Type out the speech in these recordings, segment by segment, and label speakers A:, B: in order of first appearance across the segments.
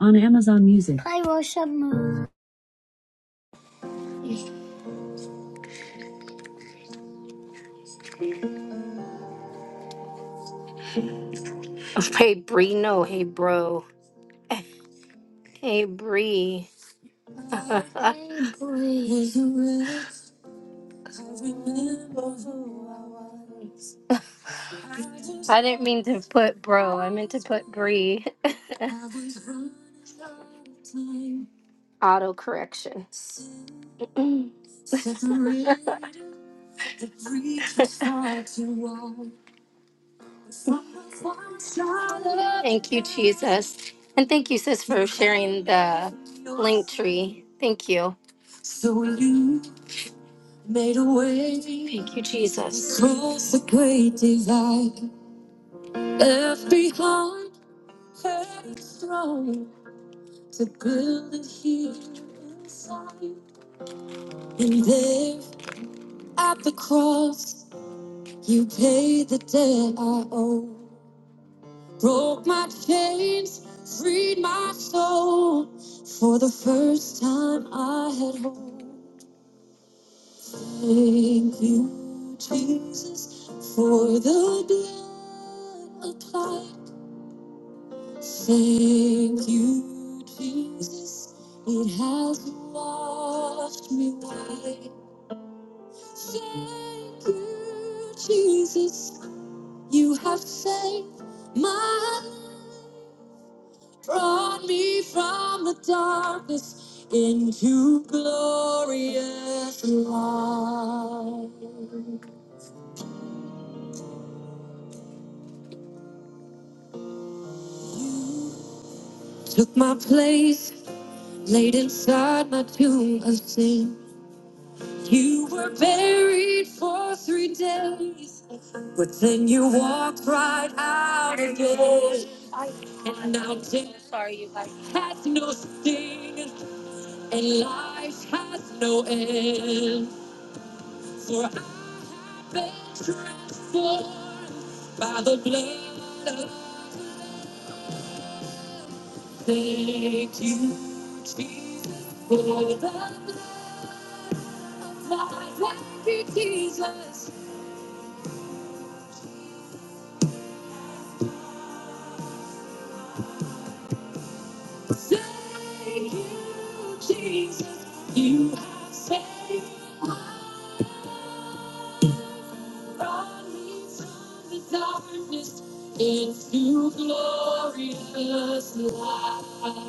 A: on Amazon Music. Play Worship Moon. Hey, Bree. No, hey, bro. Hey, Bree. I didn't mean to put bro. I meant to put Bree. Auto correction. Thank you, Jesus. And thank you, sis, for sharing the link tree. Thank you. Made a way. Thank you, Jesus. Cross the great divide. Left behind heaven's throne to build a huge sign. And there at the cross, you paid the debt I owe. Broke my chains, freed my soul. For the first time I had hope. Thank you, Jesus, for the blood applied. Thank you, Jesus, it has washed me white. Thank you, Jesus, you have saved my life, brought me from the darkness into glorious light. You Took my place, laid inside my tomb of sin. You were buried for three days, but then you walked right out again. And now death has no sting, and life has no end. For I've been transformed by the blood of the Lamb. Thank you, Jesus, for the blood. Thank you, Jesus. Thank you, Jesus. You have saved brought me from the darkness into glorious light.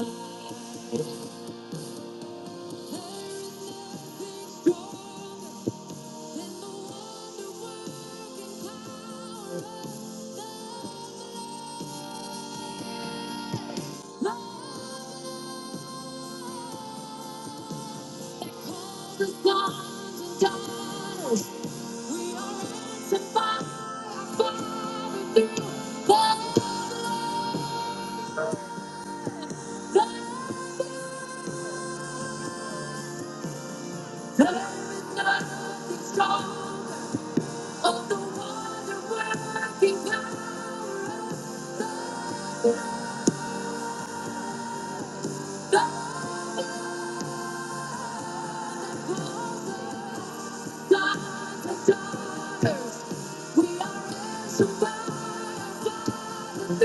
A: The sons and daughters, we are ransomed by the Father through the blood. There is nothing stronger. of the wonder-working power the Father, daughters. We are resurrected through blood. Thank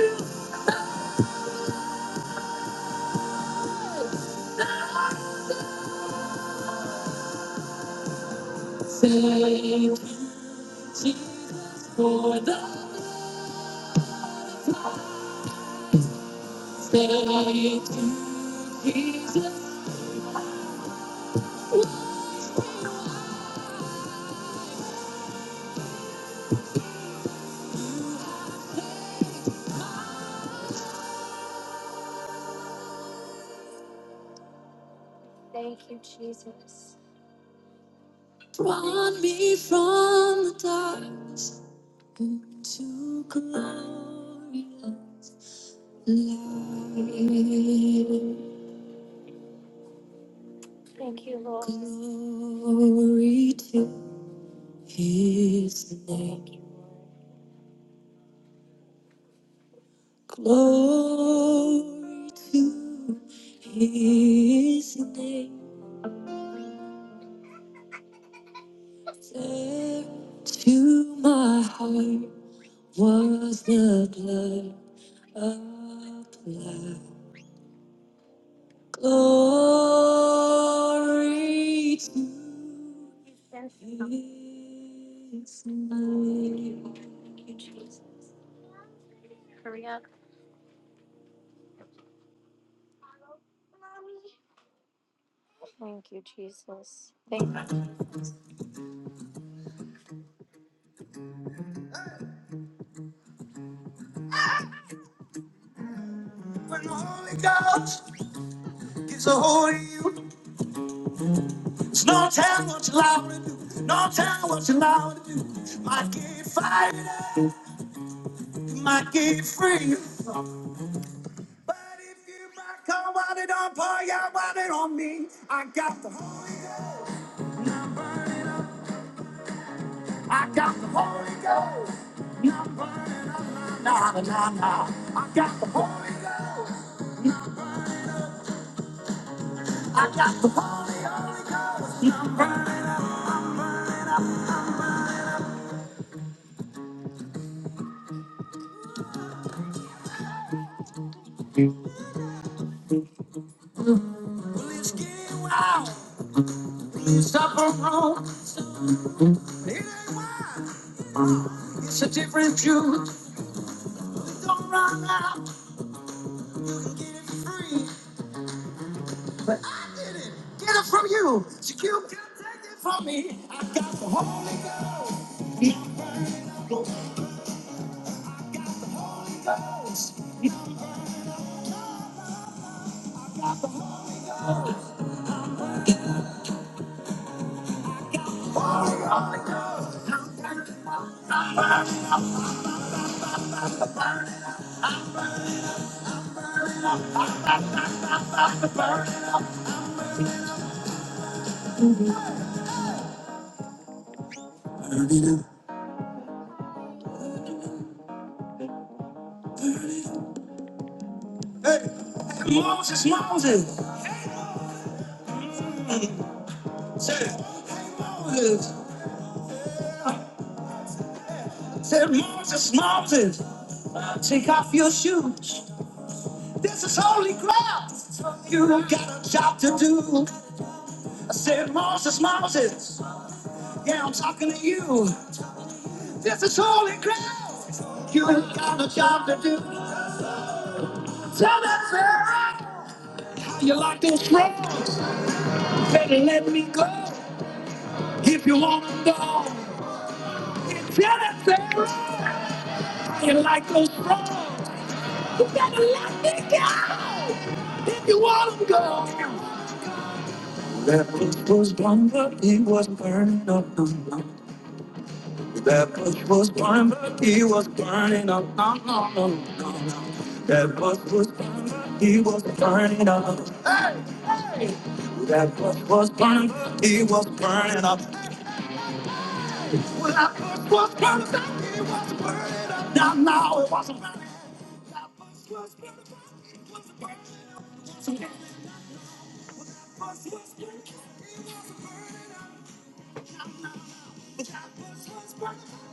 A: you, Jesus, for the thank you, Jesus. Drawn me from the darkness into glorious light. Glory to his name. Glory to his name. There to my heart was the blood applied. Glory to his name. Thank you, Jesus. Hurry up. Thank you, Jesus. Thank you. No telling, what to do, no telling what you're allowed to do. It's getting wild. Stop and home. It ain't wild. It's a different view. Don't run out. You can get it free. I did it. Get it from you. So you can take it from me. I'm the Holy Ghost. Hey, hey, Moses, Moses. Say, hey, Moses. Say, Moses, Moses. Take off your shoes. This is holy ground. You don't got a job to do. I said, Moses, Moses, yeah, I'm talking to you. This is holy ground. You ain't got a job to do. Tell that Pharaoh, you like those drugs? Better let me go if you want to know. Tell that Pharaoh, you like those drugs? You better let me go if you want to go. That was was blown, up, it was burning up. That bush was burned, but he was burning up. No, no, no, no, no. That bush was burned, but he was burning up. That bush was burned, but he was burning up. Well, that bush was burned, but he was burning up. No, no, it wasn't burning. That bush was burned, but he was burning up. Yes, it is. That bush was burned, but he was burning up. No, no, that bush was burned, but he was burning up.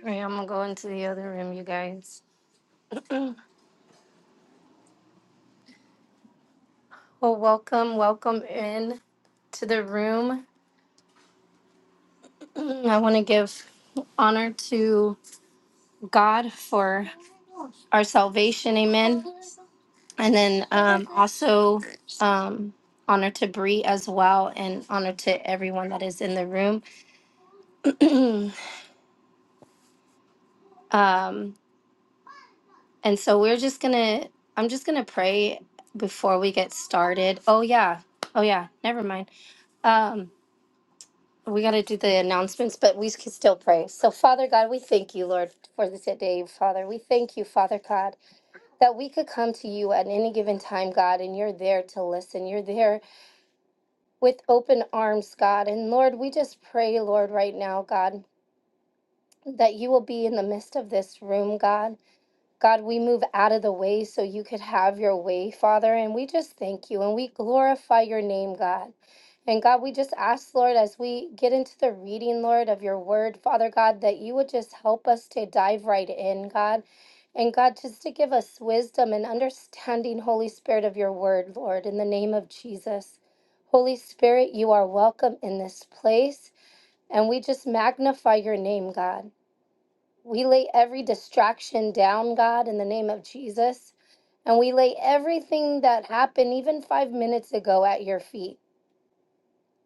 A: All right, I'm gonna go into the other room, you guys. Well, welcome, welcome in to the room. I want to give honor to God for our salvation, amen. And then um, also um, honor to Bree as well, and honor to everyone that is in the room. um, and so we're just gonna, I'm just gonna pray before we get started. Oh, yeah, oh, yeah, never mind. Um, we got to do the announcements, but we can still pray. So, Father God, we thank you, Lord, for this day, Father. We thank you, Father God, that we could come to you at any given time, God, and you're there to listen. You're there with open arms, God. And Lord, we just pray, Lord, right now, God, that you will be in the midst of this room, God. God, we move out of the way so you could have your way, Father. And we just thank you and we glorify your name, God. And God, we just ask, Lord, as we get into the reading, Lord, of your word, Father God, that you would just help us to dive right in, God. And God, just to give us wisdom and understanding, Holy Spirit, of your word, Lord, in the name of Jesus. Holy Spirit, you are welcome in this place. And we just magnify your name, God. We lay every distraction down, God, in the name of Jesus. And we lay everything that happened even 5 minutes ago at your feet.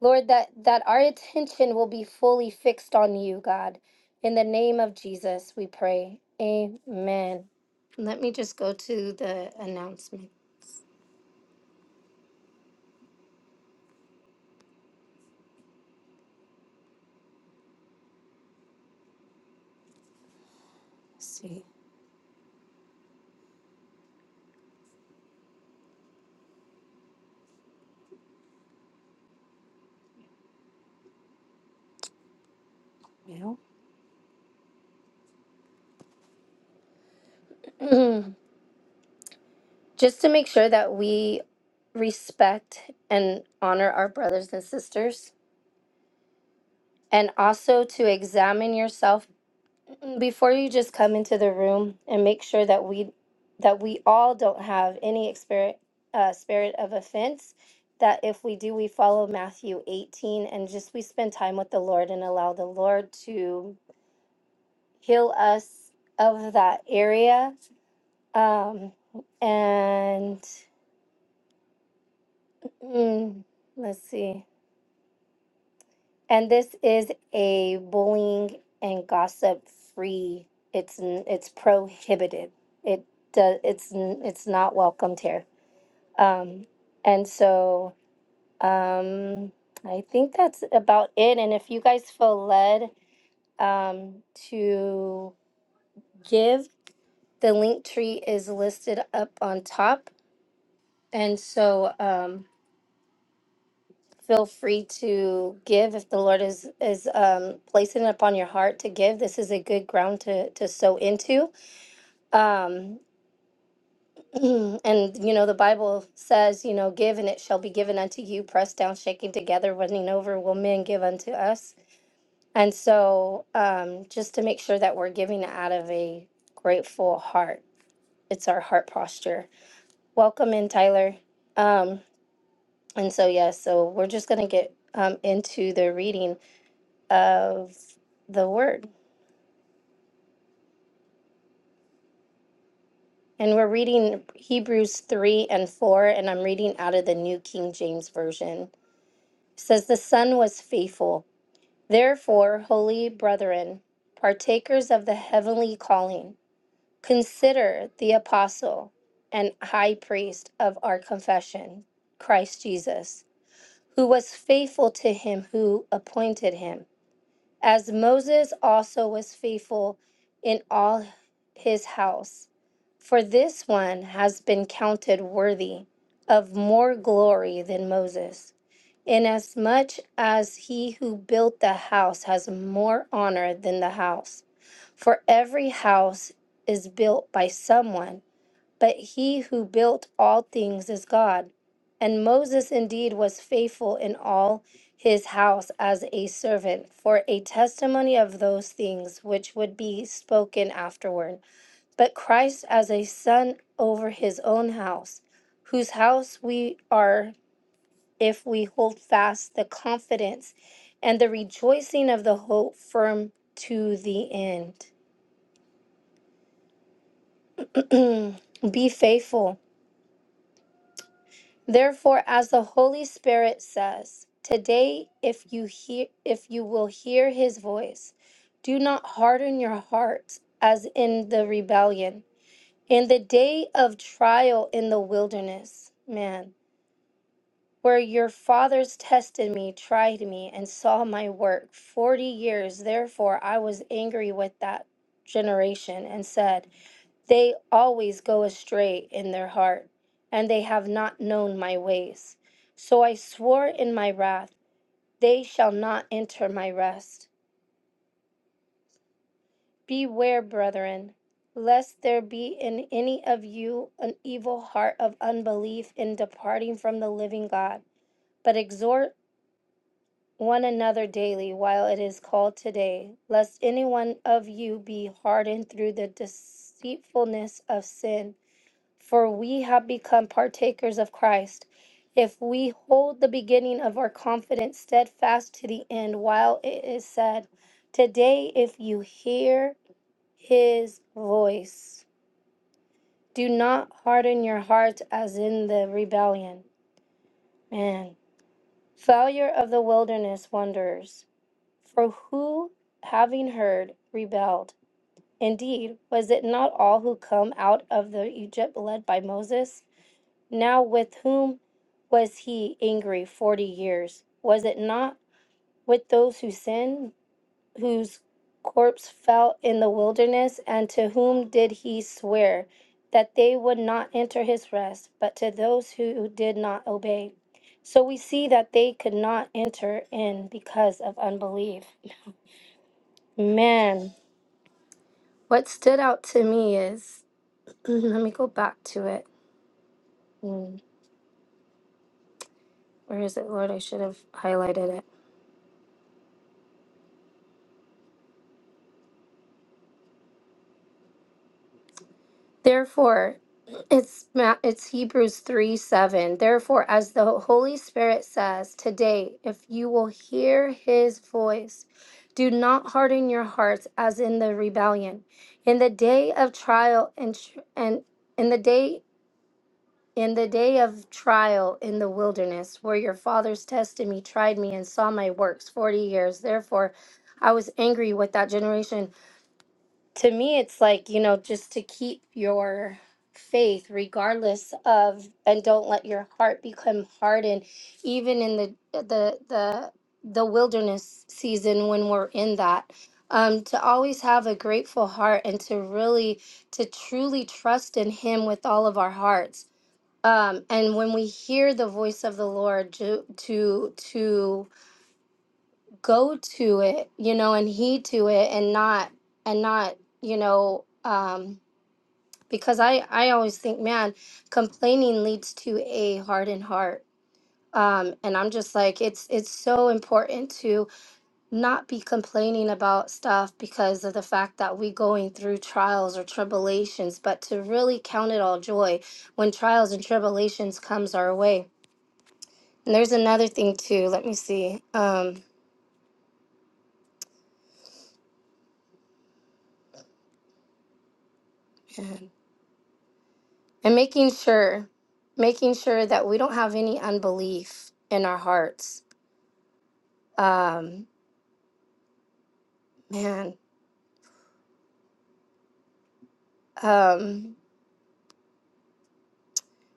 A: Lord, that that our attention will be fully fixed on you, God. In the name of Jesus, we pray. Amen. Let me just go to the announcement. just to make sure that we respect and honor our brothers and sisters and also to examine yourself Before you just come into the room and make sure that we that we all don't have any spirit uh, spirit of offense. That if we do, we follow Matthew 18 and just we spend time with the Lord and allow the Lord to heal us of that area. Um, and mm, let's see. And this is a bullying and gossip free. It's n- it's prohibited. It does. It's n- it's not welcomed here. Um, and so um, I think that's about it. And if you guys feel led um, to give, the link tree is listed up on top. And so. Um, feel free to give if the Lord is is um, placing it upon your heart to give. This is a good ground to to sow into. Um, and you know the Bible says, you know, give and it shall be given unto you, pressed down, shaking together, running over, will men give unto us. And so, um, just to make sure that we're giving out of a grateful heart, it's our heart posture. Welcome in, Tyler. Um, and so, yes, so we're just gonna get um, into the reading. of the word. And we're reading Hebrews 3 and 4, and I'm reading out of the New King James Version. It says, The Son was faithful. Therefore, holy brethren, partakers of the heavenly calling, consider the apostle and high priest of our confession, Christ Jesus, who was faithful to him who appointed him as Moses also was faithful in all his house. For this one has been counted worthy of more glory than Moses, inasmuch as he who built the house has more honor than the house. For every house is built by someone but he who built all things is God. And Moses indeed was faithful in all his house as a servant for a testimony of those things which would be spoken afterward. But Christ as a son over his own house, whose house we are if we hold fast the confidence and the rejoicing of the hope firm to the end. be faithful Therefore, as the Holy Spirit says, today if you hear if you will hear his voice, do not harden your hearts as in the rebellion, in the day of trial in the wilderness. Man, where your fathers tested me, tried me, and saw my work. Forty years, therefore, I was angry with that generation and said, They always go astray in their heart, and they have not known my ways. So I swore in my wrath, They shall not enter my rest. Beware, brethren, lest there be in any of you an evil heart of unbelief in departing from the living God. But exhort one another daily while it is called today, lest any one of you be hardened through the deceitfulness of sin. For we have become partakers of Christ, if we hold the beginning of our confidence steadfast to the end, while it is said, Today, if you hear his voice, do not harden your hearts as in the rebellion. Man, failure of the wilderness wanderers. For who, having heard, rebelled? Indeed, was it not all who come out of the Egypt led by Moses? Now with whom was he angry forty years? Was it not with those who sinned, whose corpse fell in the wilderness, and to whom did he swear that they would not enter his rest, but to those who did not obey? So we see that they could not enter in because of unbelief. Man. What stood out to me is, let me go back to it. Mm, Where is it, Lord? I should have highlighted it. Therefore, it's Ma- it's Hebrews three seven. Therefore, as the Holy Spirit says today, if you will hear His voice, do not harden your hearts as in the rebellion, in the day of trial and tr- and in the day In the day of trial in the wilderness, where your fathers tested me, tried me, and saw my works 40 years, therefore I was angry with that generation. To me, it's like, you know, just to keep your faith regardless of and don't let your heart become hardened even in the the the the wilderness season when we're in that um to always have a grateful heart and to really to truly trust in him with all of our hearts um, and when we hear the voice of the Lord to to to go to it, you know, and heed to it, and not and not you know, um, because I I always think, man, complaining leads to a hardened heart. Um, and I'm just like it's it's so important to not be complaining about stuff because of the fact that we going through trials or tribulations, but to really count it all joy when trials and tribulations comes our way And there's another thing too. Let me see. Um, and making sure, making sure that we don't have any unbelief in our hearts. Um, man, um,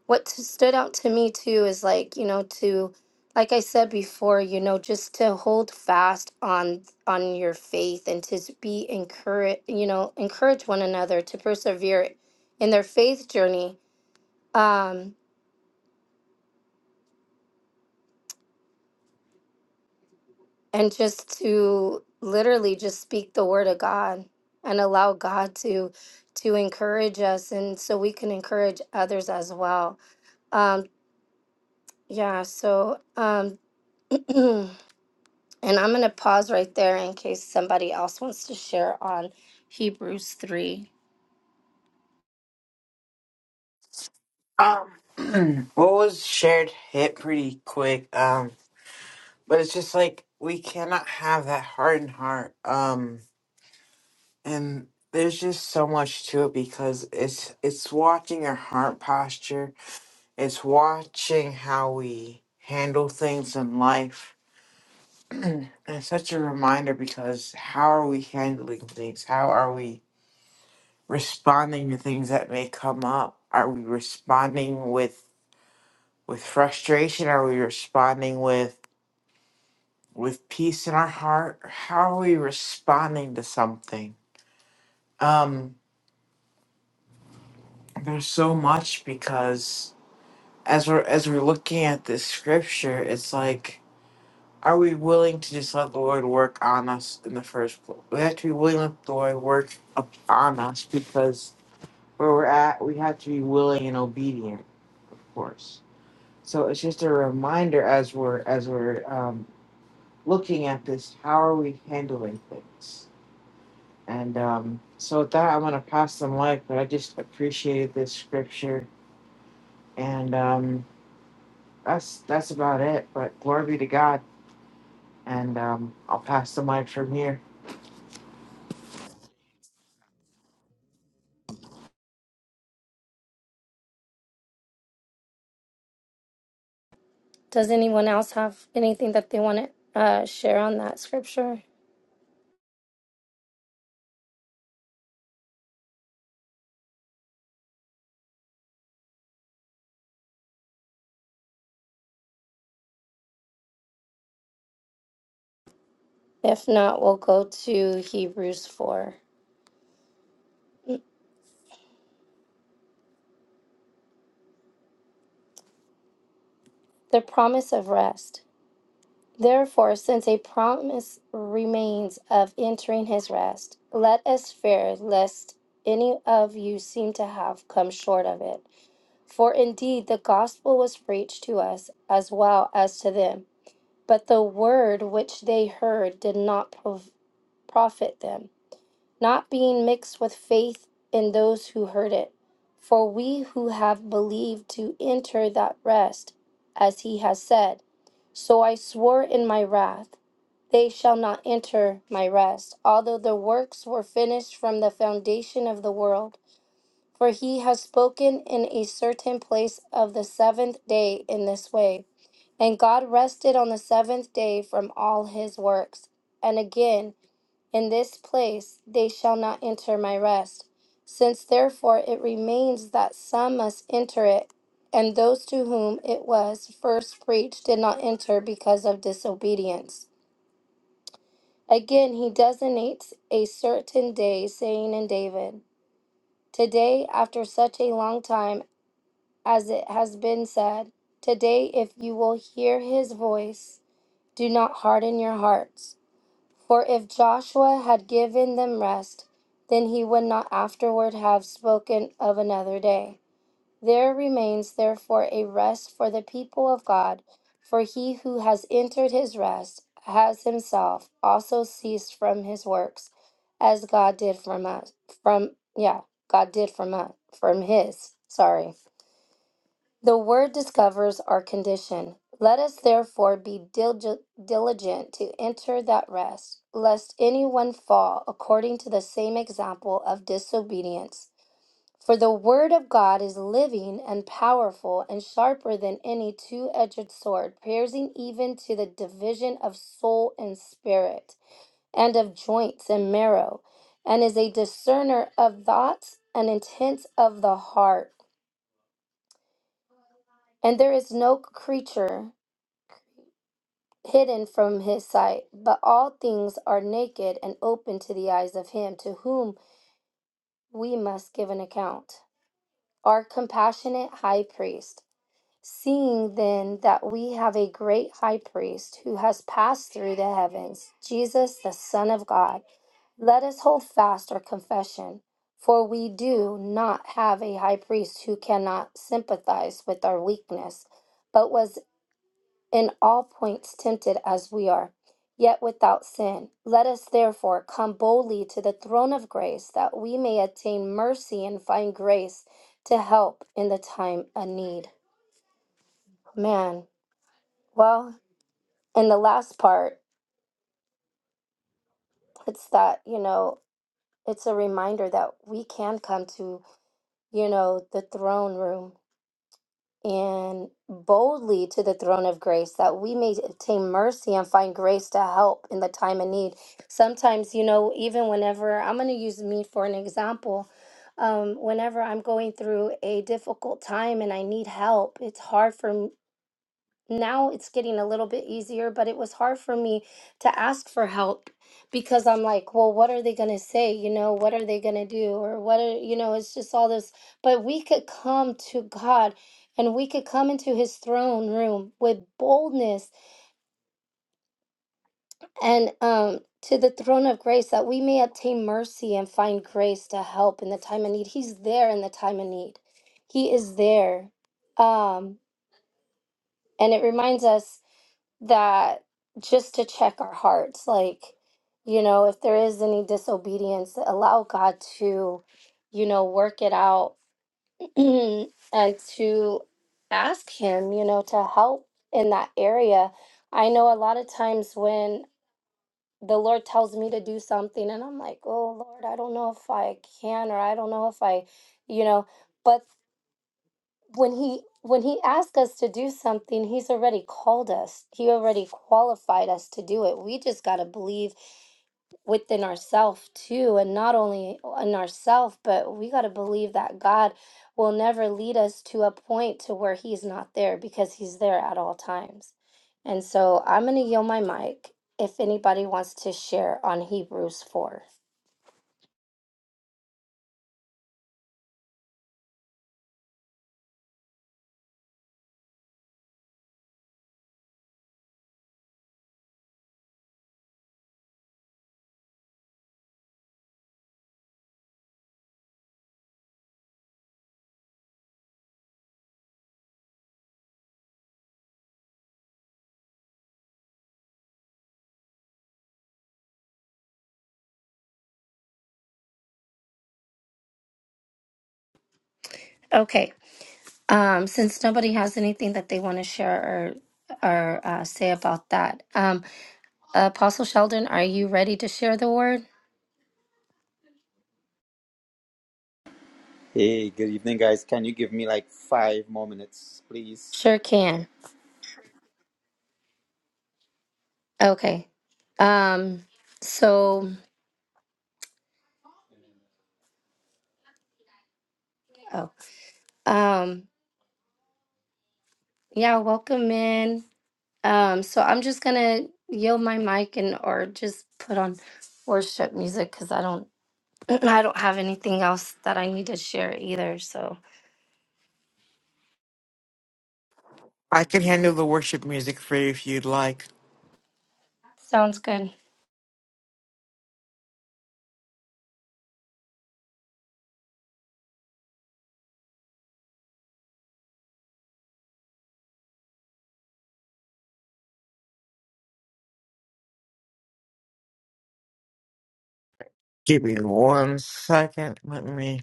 A: what t- stood out to me too is like you know to, like I said before, you know, just to hold fast on on your faith and to s- be encourage, you know, encourage one another to persevere in their faith journey. Um, and just to literally just speak the word of God and allow God to to encourage us and so we can encourage others as well. Um yeah, so um and I'm going to pause right there in case somebody else wants to share on Hebrews 3.
B: Um, what was shared hit pretty quick. Um, but it's just like we cannot have that hardened heart. Um, and there's just so much to it because it's it's watching our heart posture. It's watching how we handle things in life. and it's such a reminder because how are we handling things? How are we responding to things that may come up? Are we responding with with frustration? Are we responding with with peace in our heart? How are we responding to something? Um, there's so much because as we're as we're looking at this scripture, it's like, are we willing to just let the Lord work on us in the first place? We have to be willing to let the Lord work upon us because where we're at, we have to be willing and obedient, of course. So it's just a reminder as we're as we're um, looking at this. How are we handling things? And um, so with that, I'm going to pass the mic. But I just appreciated this scripture, and um, that's that's about it. But glory be to God, and um, I'll pass the mic from here.
A: Does anyone else have anything that they want to uh, share on that scripture? If not, we'll go to Hebrews 4. The promise of rest. Therefore, since a promise remains of entering his rest, let us fear lest any of you seem to have come short of it. For indeed the gospel was preached to us as well as to them, but the word which they heard did not prov- profit them not being mixed with faith in those who heard it. For we who have believed to enter that rest, as he has said, So I swore in my wrath, they shall not enter my rest, although their works were finished from the foundation of the world. For he has spoken in a certain place of the seventh day in this way. And God rested on the seventh day from all his works. And again, in this place they shall not enter my rest. Since therefore it remains that some must enter it, and those to whom it was first preached did not enter because of disobedience. Again, he designates a certain day, saying in David, Today, after such a long time as it has been said, Today, if you will hear his voice, do not harden your hearts For if Joshua had given them rest, then he would not afterward have spoken of another day. There remains therefore a rest for the people of God, for he who has entered his rest has himself also ceased from his works, as God did from us from yeah, God did from us from his. Sorry. The word discovers our condition. Let us therefore be dilge- diligent to enter that rest, lest anyone fall according to the same example of disobedience. For the word of God is living and powerful and sharper than any two edged sword, piercing even to the division of soul and spirit, and of joints and marrow, and is a discerner of thoughts and intents of the heart. And there is no creature hidden from his sight, but all things are naked and open to the eyes of him to whom we must give an account. Our compassionate high priest, seeing then that we have a great high priest who has passed through the heavens, Jesus, the Son of God, let us hold fast our confession. For we do not have a high priest who cannot sympathize with our weakness, but was in all points tempted as we are, yet without sin. Let us therefore come boldly to the throne of grace that we may attain mercy and find grace to help in the time of need. Man, well, and the last part, it's that, you know, it's a reminder that we can come to, you know, the throne room and boldly to the throne of grace that we may obtain mercy and find grace to help in the time of need. Sometimes, you know, even whenever I'm going to use me for an example, um, whenever I'm going through a difficult time and I need help, it's hard for me now it's getting a little bit easier, but it was hard for me to ask for help because I'm like, well, what are they going to say? You know, what are they going to do? Or what are, you know, it's just all this. But we could come to God and we could come into his throne room with boldness and um to the throne of grace that we may obtain mercy and find grace to help in the time of need. He's there in the time of need. He is there. Um and it reminds us that just to check our hearts like you know if there is any disobedience allow god to you know work it out and to ask him you know to help in that area i know a lot of times when the lord tells me to do something and i'm like oh lord i don't know if i can or i don't know if i you know but when he when he asks us to do something he's already called us he already qualified us to do it we just got to believe within ourselves too and not only in ourselves but we got to believe that god will never lead us to a point to where he's not there because he's there at all times and so i'm going to yield my mic if anybody wants to share on hebrews 4 Okay. Um, since nobody has anything that they want to share or or uh, say about that, um, Apostle Sheldon, are you ready to share the word?
C: Hey, good evening, guys. Can you give me like five more minutes, please?
A: Sure can. Okay. Um, so, oh, um, yeah, welcome in. Um, so I'm just gonna yield my mic and or just put on worship music because I don't I don't have anything else that I need to share either. So
B: I can handle the worship music for you if you'd like.
A: sounds good.
B: Give me one second. Let me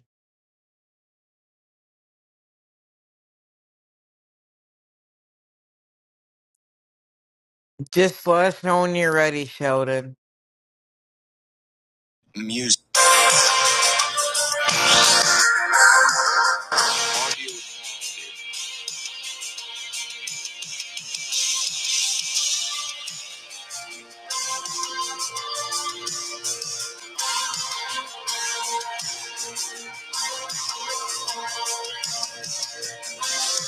B: just let us know when you're ready, Sheldon. Music.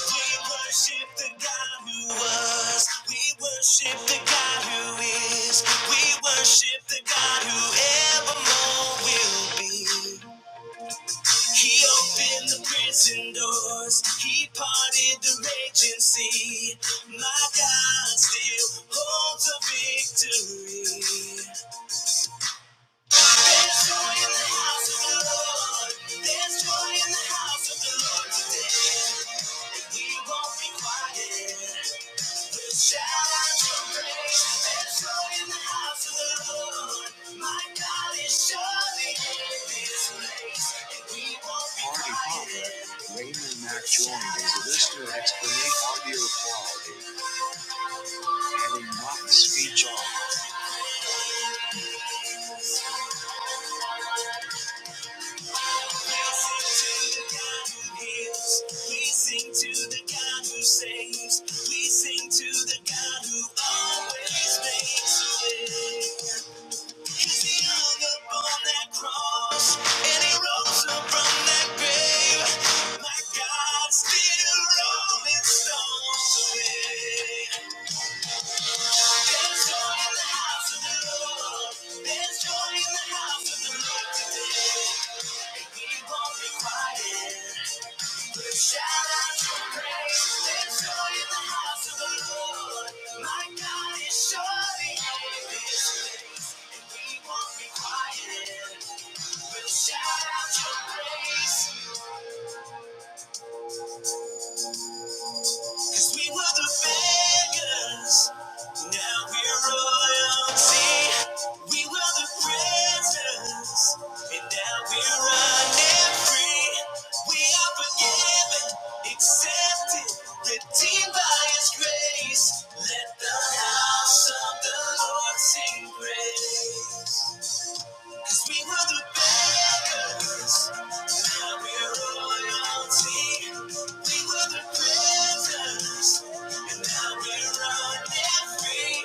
B: We worship the God who was. We worship the God who is. We worship the God who evermore will be. He opened the prison doors. He parted the raging sea. My God still holds a victory. There's joy in And Mac joined as a listener explanation audio quality, not speech off. We sing to the God who saves. We sing to the God who always makes a way. 'Cause he hung up that cross and he rose up from that grave. My God still rolling stones away. There's joy in the house of the Lord. There's joy in the house of the Lord today. And we won't be quiet. We'll shout out your praise. There's joy in the house of the Lord. My God is surely in this place. And we won't be quiet. We'll shout out your praise. Cause we were the beggars, now we're royalty. We were the prisoners, and now we're running free. We are forgiven, accepted, redeemed by His grace. Let the house of the Lord sing praise. Cause we were the beggars, now we're royalty. We were the prisoners, and now we're running free.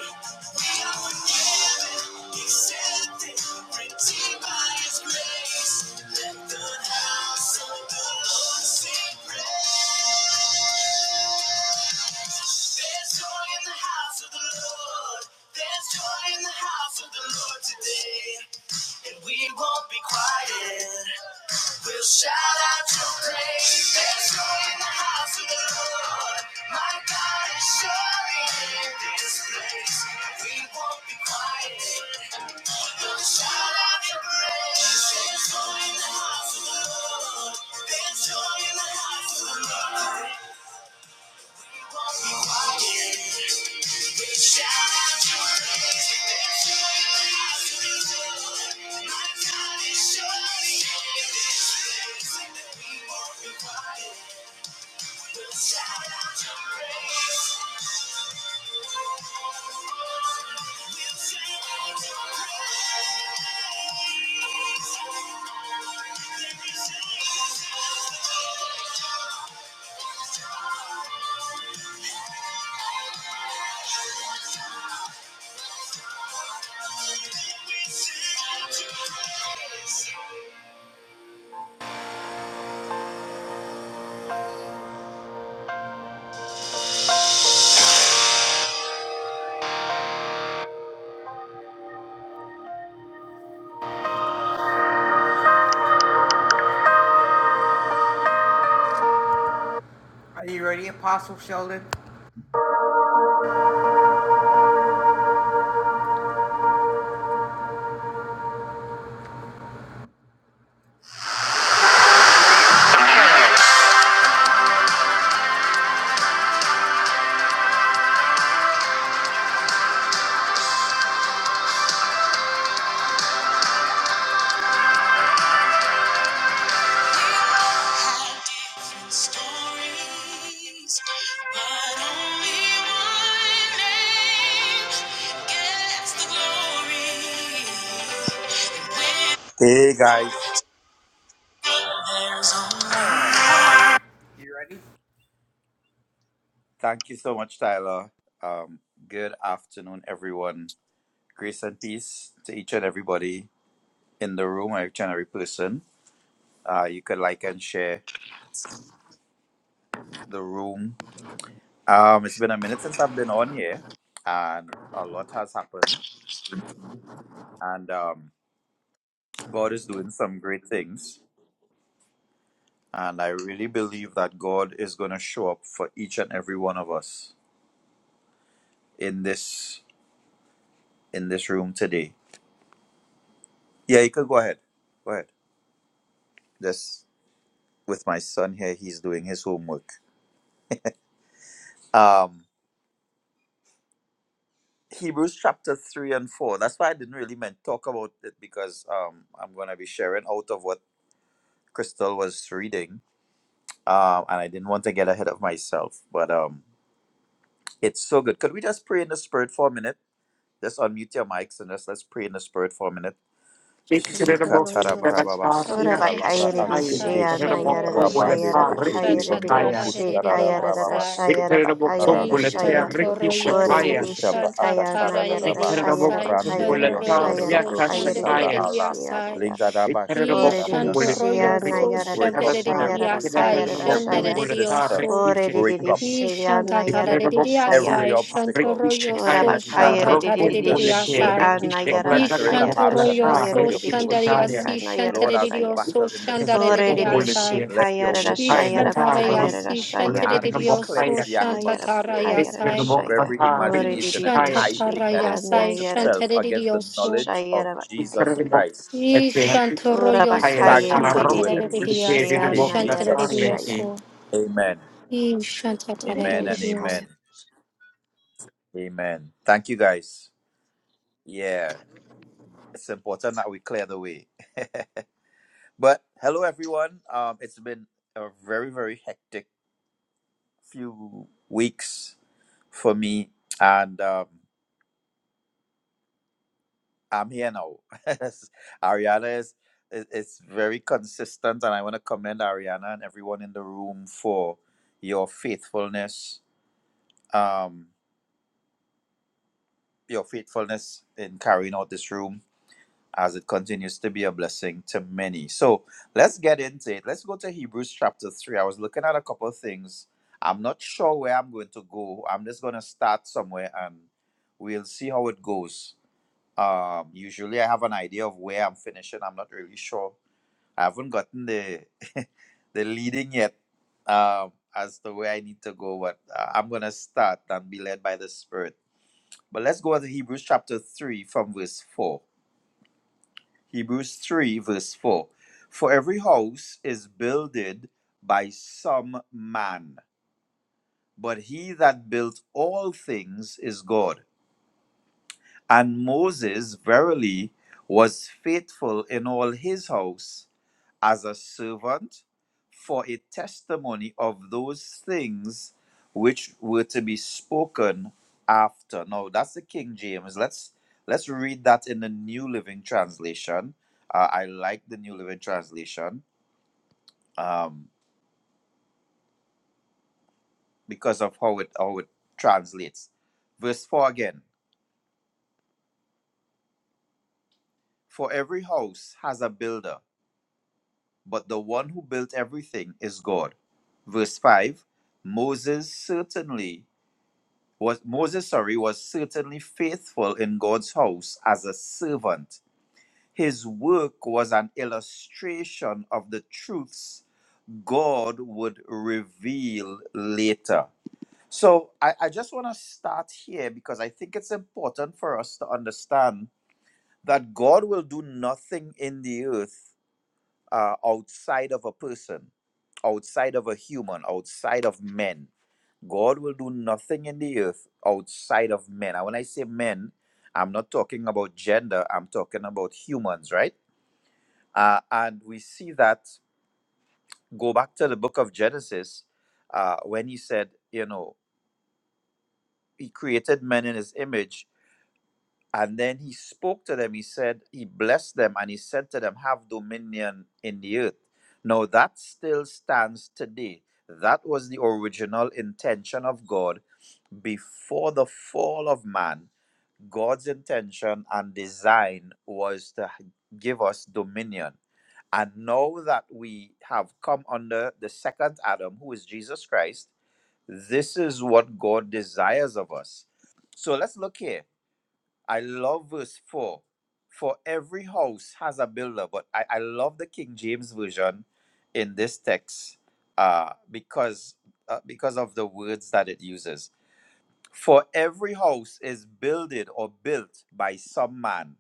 B: We are forgiven, accepted, redeemed by His grace. Let the house of the Lord sing praise. There's joy in the house of the Lord. There's joy in the house of the Lord today and we won't be quiet. We'll shout out your praise. There's joy in the house of the Lord. My God is surely in this place. and We won't be quiet. We'll shout out your praise. There's joy in the house of the Lord. There's joy in the house of the Lord. We'll shout out your praise. We'll shout out your praise. There is a we shout out your praise. How different stories, but only one name gets the glory. And when
C: Hey, guys. Thank you so much, Tyler. Um, good afternoon, everyone. Grace and peace to each and everybody in the room, or each and every person. Uh, you could like and share the room. Um, it's been a minute since I've been on here, and a lot has happened. And um, God is doing some great things. And I really believe that God is going to show up for each and every one of us in this in this room today. Yeah, you could go ahead. Go ahead. Just with my son here, he's doing his homework. Um, Hebrews chapter 3 and 4. That's why I didn't really meant talk about it because um, I'm going to be sharing out of what Crystal was reading. Um, and I didn't want to get ahead of myself, but um, it's so good. Could we just pray in the spirit for a minute? Just unmute your mics and just let's pray in the spirit for a minute. Shikatara Brababa
D: Ora
C: Shikalabra
D: bakayere bakaya rishi
A: Shandarasai,
C: Ashketi
D: anayara rashaya
C: Rabande de
A: Shandoroyosu,
C: Kiri de
D: rabakaya
C: Gondoro
D: rishi
C: Kushara
D: kayara
C: Brababa
A: Shantataraririasai.
B: one sing,
C: Si
D: rashaya
B: there's
D: rabakaya
C: Rande de
D: rashaya
C: Kiyondo
D: ora
C: Kotoro
B: only
A: Ishantoroyosu,
D: rishi
C: Kushabra
D: kaya
C: Atakara
D: anayara
C: Raba
D: rashaya
A: Shantataraririasai,
C: Rande de
D: rabakaya
C: Yondoro
D: rashaya
A: Shandoroyosu,
C: Dobro
D: rabakaya
C: Usabra
B: Incredible,
C: Allah
D: rishi
A: Shandaraririasai.
D: anaya
B: Ricky
C: Lingadaba
D: ora
C: Shkatara Yanda
D: rishi
C: Lord we
D: anayara
C: break up
D: rashaya
C: every
D: rabakaya
C: every
D: rashaya
C: resistance we
D: ora
C: break up
D: rishi anayara rashaya
C: every obstacle
D: ora
C: that
D: bakaya
C: would hinder this
D: rishi
C: word from
D: anayara
C: entering the
D: bakaya
C: hearts and
D: rashaya
C: minds of your people
D: rishi
C: today.
D: kanayara
C: Lord, as we
D: rashaya
C: battle in the spirit, Lord, let your word go forth today
D: Orererishikayarashayarabakayarashaya.
C: and we cleanse the atmosphere of
D: Ayarabakayarashaya.
C: every imagination, every high thing that exalts itself
D: Orererishikanayaradashayarabakaya.
C: against the knowledge of Jesus Christ. We thank you for doing it in Jesus' name.
D: Orabakayarererishiyanayaradashaya.
C: Amen. Amen and
D: Orererishikaya.
C: amen. Amen. Thank you guys. Yeah, it's important that we clear the way. But hello, everyone. Um, it's been a very, very hectic few weeks for me, and um, I'm here now. Ariana is, is is very consistent, and I want to commend Ariana and everyone in the room for your faithfulness. Um, your faithfulness in carrying out this room. as it continues to be a blessing to many. So let's get into it. Let's go to Hebrews chapter 3. I was looking at a couple of things. I'm not sure where I'm going to go. I'm just going to start somewhere and we'll see how it goes. Um, usually I have an idea of where I'm finishing. I'm not really sure. I haven't gotten the the leading yet um, as to where I need to go, but uh, I'm going to start and be led by the Spirit. But let's go to Hebrews chapter 3 from verse 4. Hebrews 3, verse 4. For every house is builded by some man, but he that built all things is God. And Moses verily was faithful in all his house as a servant for a testimony of those things which were to be spoken after. Now that's the King James. Let's let's read that in the New Living Translation. Uh, I like the New Living Translation um, because of how it how it translates. Verse four again. For every house has a builder, but the one who built everything is God. Verse five. Moses certainly was Moses, sorry, was certainly faithful in God's house as a servant. His work was an illustration of the truths God would reveal later. So I, I just want to start here because I think it's important for us to understand that God will do nothing in the earth uh, outside of a person, outside of a human, outside of men. God will do nothing in the earth outside of men. And when I say men, I'm not talking about gender, I'm talking about humans, right? Uh, and we see that go back to the book of Genesis uh, when he said, you know, he created men in his image. And then he spoke to them. He said, He blessed them and he said to them, Have dominion in the earth. Now that still stands today. That was the original intention of God before the fall of man God's intention and design was to give us dominion. And now that we have come under the second Adam, who is Jesus Christ, this is what God desires of us. So let's look here. I love verse 4. For every house has a builder, but I, I love the King James Version in this text uh, because, uh, because of the words that it uses for every house is builded or built by some man.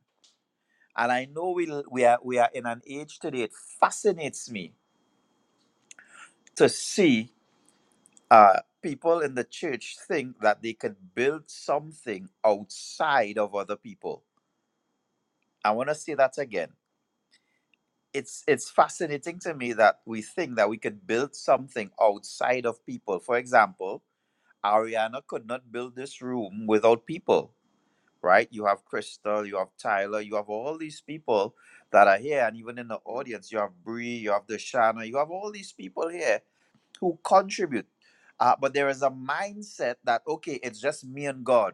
C: And I know we, we, are, we are in an age today, it fascinates me to see uh, people in the church think that they can build something outside of other people. I want to say that again. It's, it's fascinating to me that we think that we can build something outside of people. For example, Ariana could not build this room without people. right? You have Crystal, you have Tyler, you have all these people that are here, and even in the audience, you have Bree, you have Deshana, you have all these people here who contribute. Uh, but there is a mindset that okay, it's just me and God.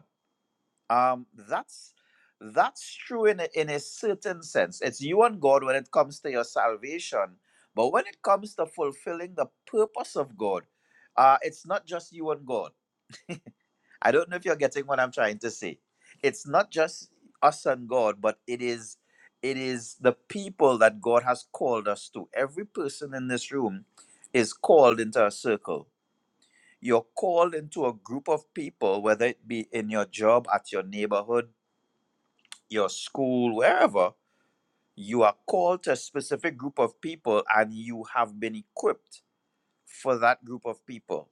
C: Um, that's that's true in a, in a certain sense. It's you and God when it comes to your salvation, but when it comes to fulfilling the purpose of God, uh, it's not just you and God I don't know if you're getting what I'm trying to say. It's not just us and God, but it is it is the people that God has called us to. Every person in this room is called into a circle. You're called into a group of people, whether it be in your job, at your neighborhood, your school, wherever. You are called to a specific group of people and you have been equipped for that group of people.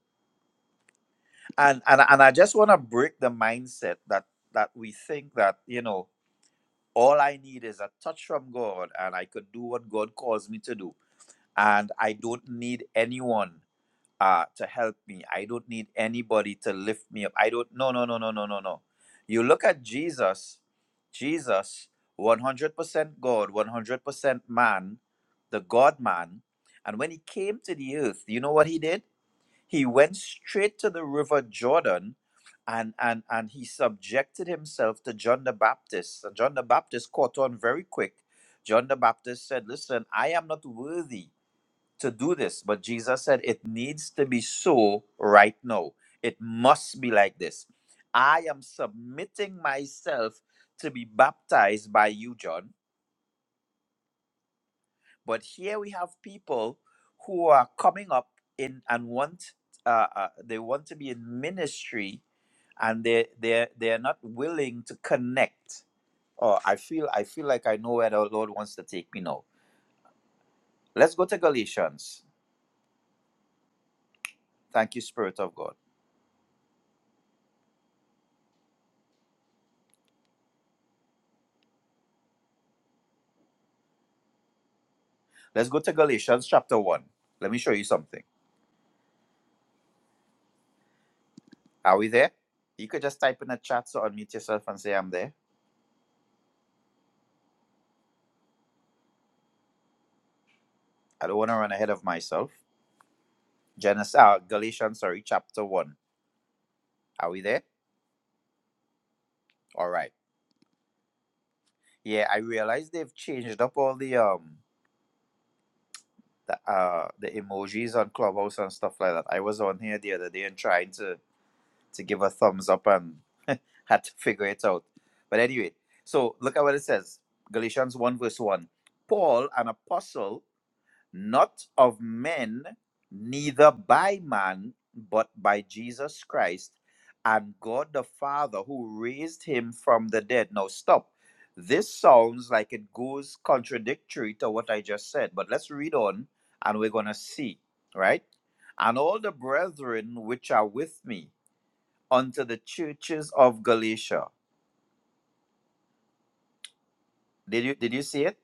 C: And and, and I just want to break the mindset that that we think that, you know, all I need is a touch from God, and I could do what God calls me to do. And I don't need anyone uh, to help me. I don't need anybody to lift me up. I don't. No, no, no, no, no, no, no. You look at Jesus. Jesus, one hundred percent God, one hundred percent man, the God man. And when he came to the earth, you know what he did? He went straight to the river Jordan and, and, and he subjected himself to John the Baptist. And John the Baptist caught on very quick. John the Baptist said, Listen, I am not worthy to do this. But Jesus said, It needs to be so right now. It must be like this. I am submitting myself to be baptized by you, John but here we have people who are coming up in and want uh, uh, they want to be in ministry, and they they they are not willing to connect. Oh, I feel I feel like I know where the Lord wants to take me now. Let's go to Galatians. Thank you, Spirit of God. Let's go to Galatians chapter one. Let me show you something. Are we there? You could just type in the chat so unmute yourself and say I'm there. I don't want to run ahead of myself. Genesis, uh, Galatians, sorry, chapter one. Are we there? All right. Yeah, I realized they've changed up all the um the uh the emojis on Clubhouse and stuff like that. I was on here the other day and trying to to give a thumbs up and had to figure it out. But anyway, so look at what it says. Galatians 1 verse 1. Paul, an apostle not of men, neither by man, but by Jesus Christ and God the Father who raised him from the dead. Now, stop. This sounds like it goes contradictory to what I just said, but let's read on and we're going to see, right? And all the brethren which are with me unto the churches of Galatia. Did you, did you see it?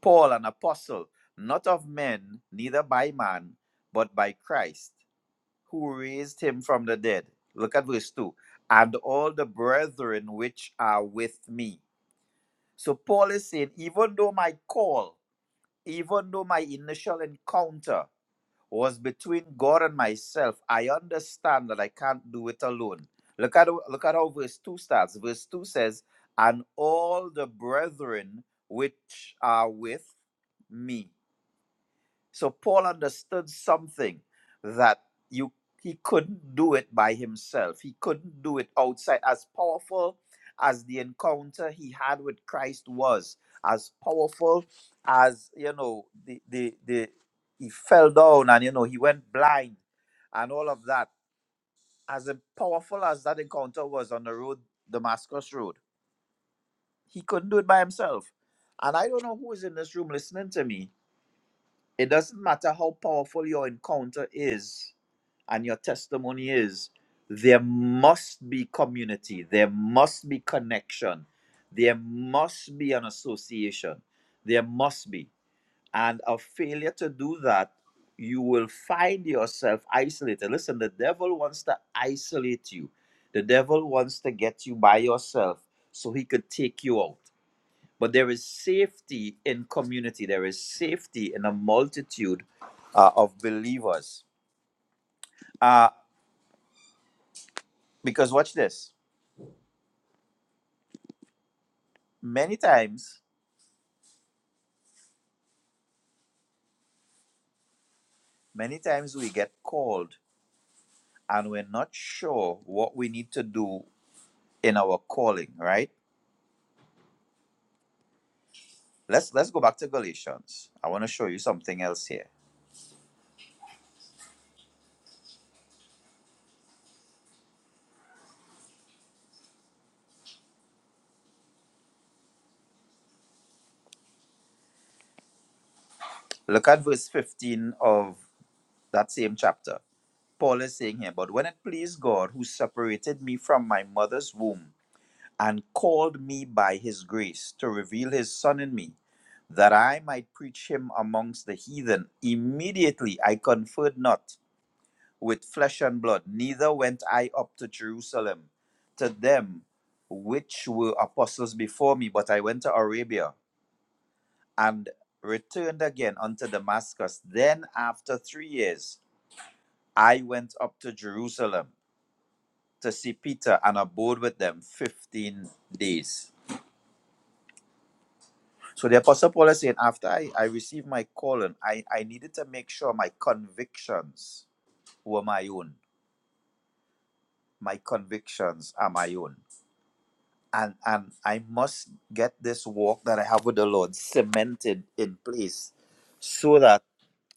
C: Paul, an apostle, not of men, neither by man, but by Christ who raised him from the dead. Look at verse 2. And all the brethren which are with me. So Paul is saying, even though my call, even though my initial encounter was between God and myself, I understand that I can't do it alone. Look at, look at how verse 2 starts. Verse 2 says, And all the brethren which are with me. So Paul understood something that you he couldn't do it by himself. He couldn't do it outside. As powerful as the encounter he had with Christ was, as powerful as you know, the the, the he fell down and you know he went blind and all of that. As powerful as that encounter was on the road, Damascus Road, he couldn't do it by himself. And I don't know who is in this room listening to me it doesn't matter how powerful your encounter is and your testimony is, there must be community, there must be connection, there must be an association, there must be. And a failure to do that, you will find yourself isolated. Listen, the devil wants to isolate you, the devil wants to get you by yourself so he could take you out. But there is safety in community. There is safety in a multitude uh, of believers. Uh, because watch this. Many times, many times we get called and we're not sure what we need to do in our calling, right? Let's let's go back to Galatians. I want to show you something else here. Look at verse 15 of that same chapter. Paul is saying here, but when it pleased God who separated me from my mother's womb and called me by his grace to reveal his son in me, that I might preach him amongst the heathen. Immediately I conferred not with flesh and blood, neither went I up to Jerusalem to them which were apostles before me, but I went to Arabia and returned again unto Damascus. Then after three years I went up to Jerusalem to see Peter and abode with them fifteen days. So the Apostle Paul is saying, after I, I received my calling, I, I needed to make sure my convictions were my own. My convictions are my own. And and I must get this walk that I have with the Lord cemented in place so that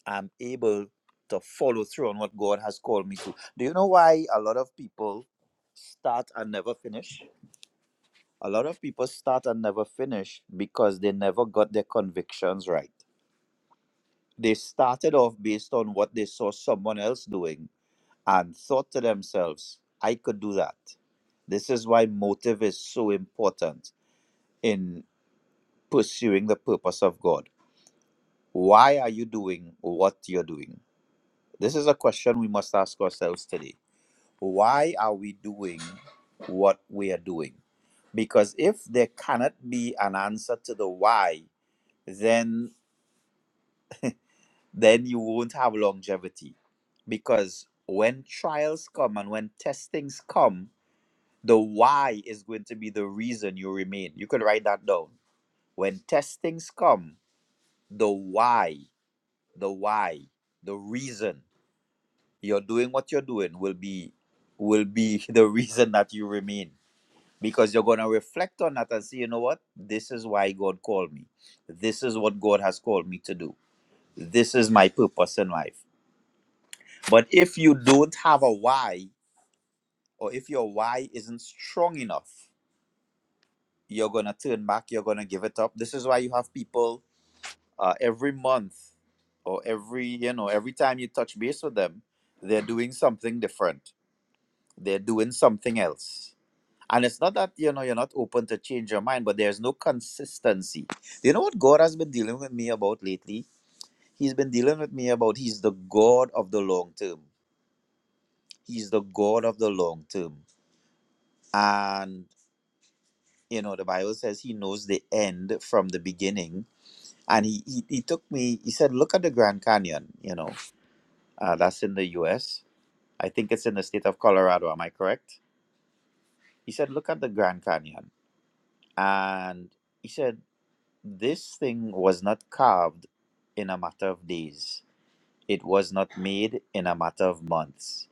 C: I'm able to follow through on what God has called me to. Do you know why a lot of people start and never finish? A lot of people start and never finish because they never got their convictions right They started off based on what they saw someone else doing and thought to themselves, I could do that. This is why motive is so important in pursuing the purpose of God. Why are you doing what you're doing? This is a question we must ask ourselves today. Why are we doing what we are doing? Because if there cannot be an answer to the why, then then you won't have longevity. Because when trials come and when testings come, the why is going to be the reason you remain. You could write that down. When testings come, the why, the why, the reason you're doing what you're doing will be will be the reason that you remain. Because you're gonna reflect on that and say, you know what? This is why God called me. This is what God has called me to do. This is my purpose in life But if you don't have a why, or if your why isn't strong enough, you're gonna turn back. You're gonna give it up. This is why you have people uh, every month, or every you know every time you touch base with them, they're doing something different. They're doing something else. And it's not that you know you're not open to change your mind, but there's no consistency. You know what God has been dealing with me about lately? He's been dealing with me about He's the God of the long term. He's the God of the long term. And you know the bible says he knows the end from the beginning and he he, he took me he said look at the grand canyon you know uh, that's in the us i think it's in the state of colorado am i correct he said look at the grand canyon and he said this thing was not carved in a matter of days it was not made in a matter of months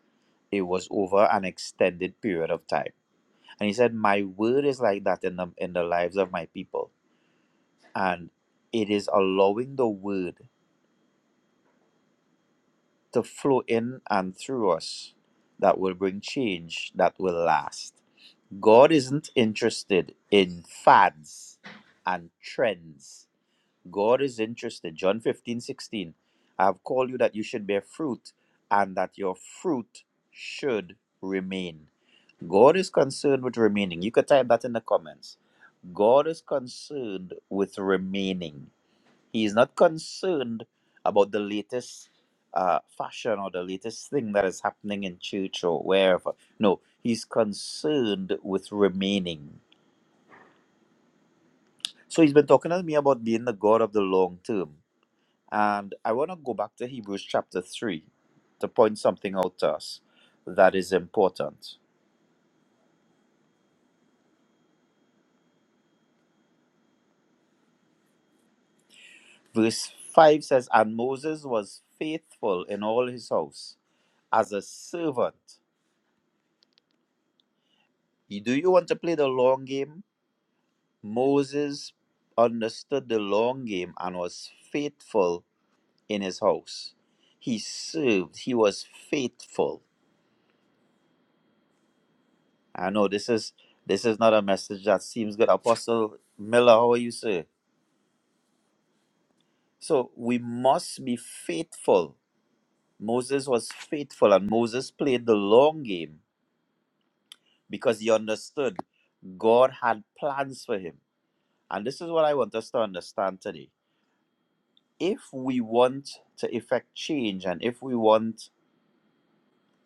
C: it was over an extended period of time and he said my word is like that in the in the lives of my people and it is allowing the word to flow in and through us that will bring change that will last. God isn't interested in fads and trends. God is interested. John 15 16, I have called you that you should bear fruit and that your fruit should remain. God is concerned with remaining. You could type that in the comments. God is concerned with remaining. He is not concerned about the latest uh, fashion or the latest thing that is happening in church or wherever. No, he's concerned with remaining. So he's been talking to me about being the God of the long term. And I want to go back to Hebrews chapter 3 to point something out to us that is important. Verse 5 says, And Moses was faithful in all his house as a servant. You- Do you want to play the long game? Moses understood the long game and was faithful in his house. He served, he was faithful. I know this is this is not a message that seems good. Apostle Miller, how are you, sir? So we must be faithful. Moses was faithful and Moses played the long game because he understood God had plans for him. And this is what I want us to understand today. If we want to effect change and if we want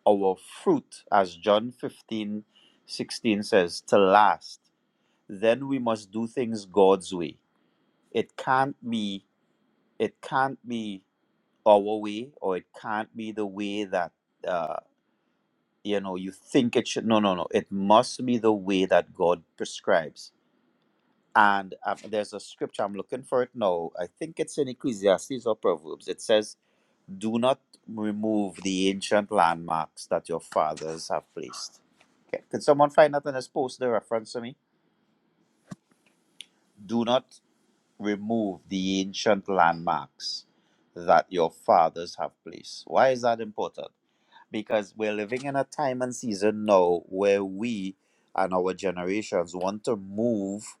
C: our fruit, as John 15, 16 says, to last, then we must do things God's way. It can't be it can't be our way or it can't be the way that uh, you know you think it should no no no it must be the way that God prescribes. And um, there's a scripture I'm looking for it now. I think it's in Ecclesiastes or Proverbs. It says, "Do not remove the ancient landmarks that your fathers have placed." Okay. Could someone find that and just post the reference to me? Do not remove the ancient landmarks that your fathers have placed. Why is that important? because we're living in a time and season now where we and our generations want to move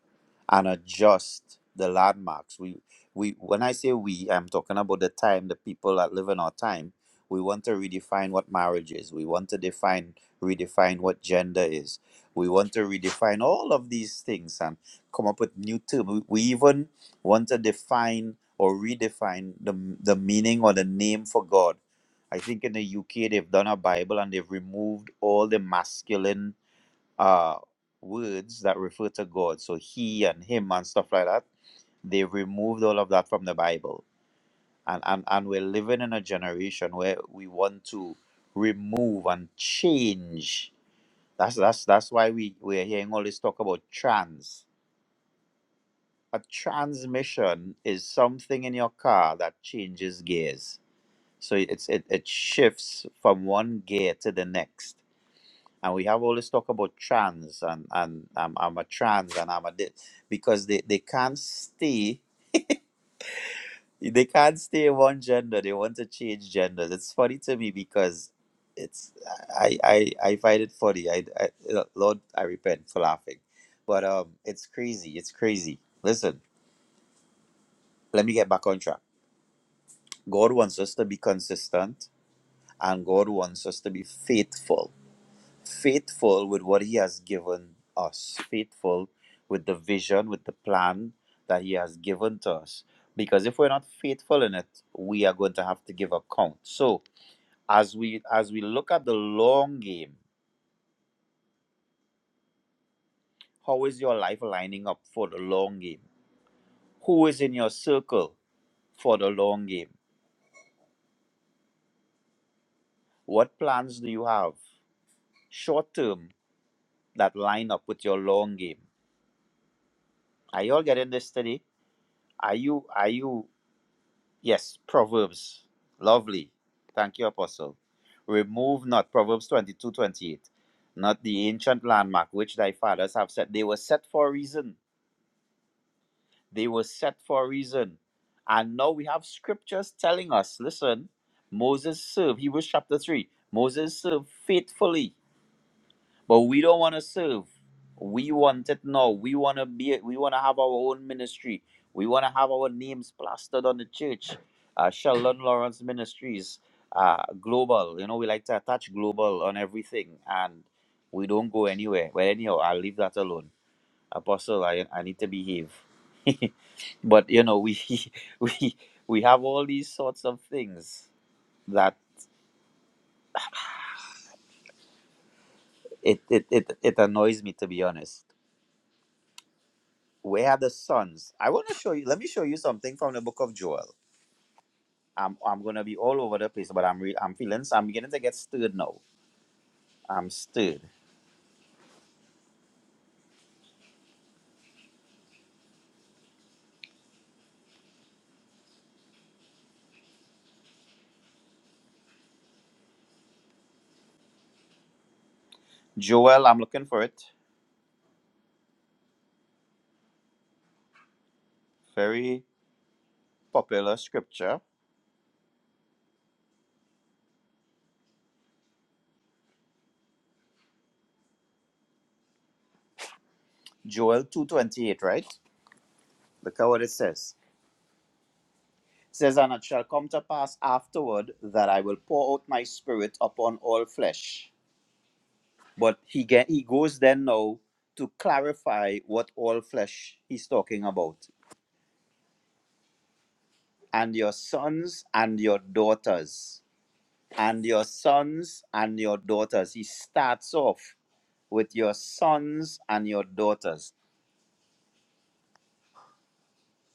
C: and adjust the landmarks. We we when I say we, I'm talking about the time, the people that live in our time. We want to redefine what marriage is. We want to define redefine what gender is. We want to redefine all of these things and come up with new terms. We we even want to define or redefine the, the meaning or the name for God I think in the UK they've done a Bible and they've removed all the masculine uh words that refer to God. So he and him and stuff like that. They've removed all of that from the Bible. And and, and we're living in a generation where we want to remove and change. That's that's that's why we, we're hearing all this talk about trans. A transmission is something in your car that changes gears. So it's it, it shifts from one gear to the next and we have all this talk about trans and and um, I'm a trans and I'm a this because they they can't stay they can't stay one gender they want to change genders it's funny to me because it's I I, I find it funny I, I Lord I repent for laughing but um it's crazy it's crazy listen let me get back on track God wants us to be consistent and God wants us to be faithful faithful with what he has given us, faithful with the vision, with the plan that he has given to us. Because if we're not faithful in it, we are going to have to give account. So as we as we look at the long game, how is your life lining up for the long game? Who is in your circle for the long game? What plans do you have short term that line up with your long game? Are you all getting this today? Are you are you Yes, Proverbs. Lovely. Thank you, Apostle. Remove not, Proverbs 22 28. not the ancient landmark which thy fathers have set. They were set for a reason. They were set for a reason. And now we have scriptures telling us listen, Moses served, Hebrews chapter 3, Moses served faithfully. But we don't want to serve. We want it now. We want to be. We want to have our own ministry. We want to have our names plastered on the church. Uh, Sheldon Lawrence Ministries, uh, global. You know, we like to attach global on everything, and we don't go anywhere. But anyhow, I'll leave that alone. Apostle, I, I need to behave. but you know, we we we have all these sorts of things that it it, it, it annoys me to be honest where are the sons? I want to show you. Let me show you something from the book of Joel. I'm I'm gonna be all over the place, but I'm re- I'm feeling. so I'm beginning to get stirred now. I'm stirred. Joel, I'm looking for it. Very popular scripture. Joel two twenty eight. Right. Look at what it says. It says, and it shall come to pass afterward that I will pour out my spirit upon all flesh. But he get he goes then now to clarify what all flesh he's talking about. and your sons and your daughters, and your sons and your daughters. He starts off with your sons and your daughters.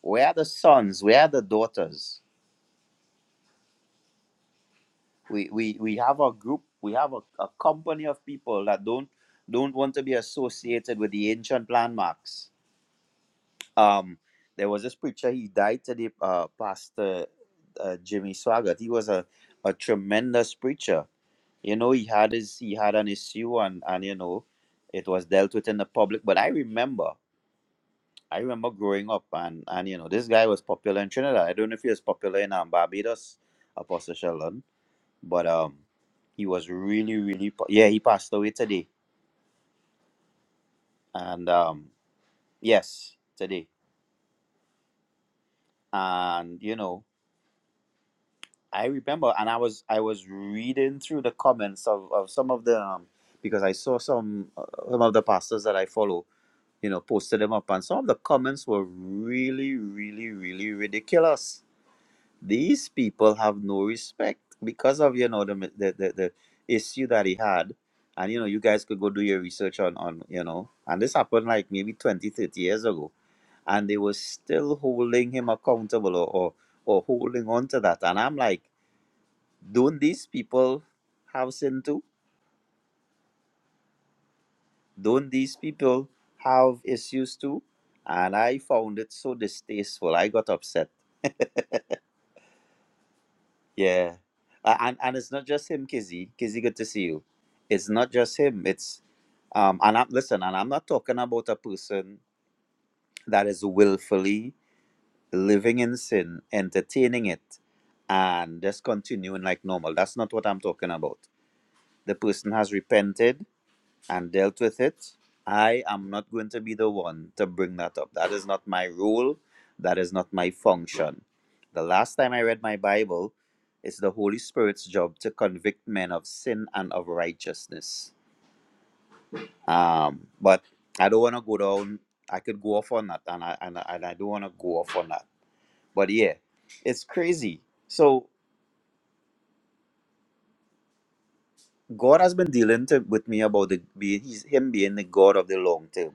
C: Where are the sons? Where are the daughters? We we we have a group, we have a, a company of people that don't don't want to be associated with the ancient landmarks. Um, there was this preacher. He died today, uh, Pastor uh, Jimmy Swaggart. He was a a tremendous preacher you know he had his he had an issue and and you know it was dealt with in the public but i remember i remember growing up and and you know this guy was popular in trinidad i don't know if he was popular in um, barbados apostle sheldon but um he was really really po- yeah he passed away today and um yes today and you know i remember and i was i was reading through the comments of, of some of the um, because i saw some uh, some of the pastors that i follow you know, posted them up. And some of the comments were really, really, really ridiculous. These people have no respect because of, you know, the, the, the, the issue that he had. And, you know, you guys could go do your research on, on, you know, and this happened like maybe 20, 30 years ago. And they were still holding him accountable or, or, or holding on to that. And I'm like, don't these people have sin too? Don't these people have issues too? And I found it so distasteful. I got upset. Yeah. A- And and it's not just him, Kizzy. Kizzy, good to see you. It's not just him. It's um and I'm listen, and I'm not talking about a person that is willfully living in sin, entertaining it, and just continuing like normal. That's not what I'm talking about. The person has repented and dealt with it. I am not going to be the one to bring that up. That is not my role. That is not my function. The last time I read my Bible, it's the Holy Spirit's job to convict men of sin and of righteousness. Um, but I don't want to go down. I could go off on that, and I and I, and I don't want to go off on that. But yeah, it's crazy. So God has been dealing to, with me about the being he's him being the God of the long term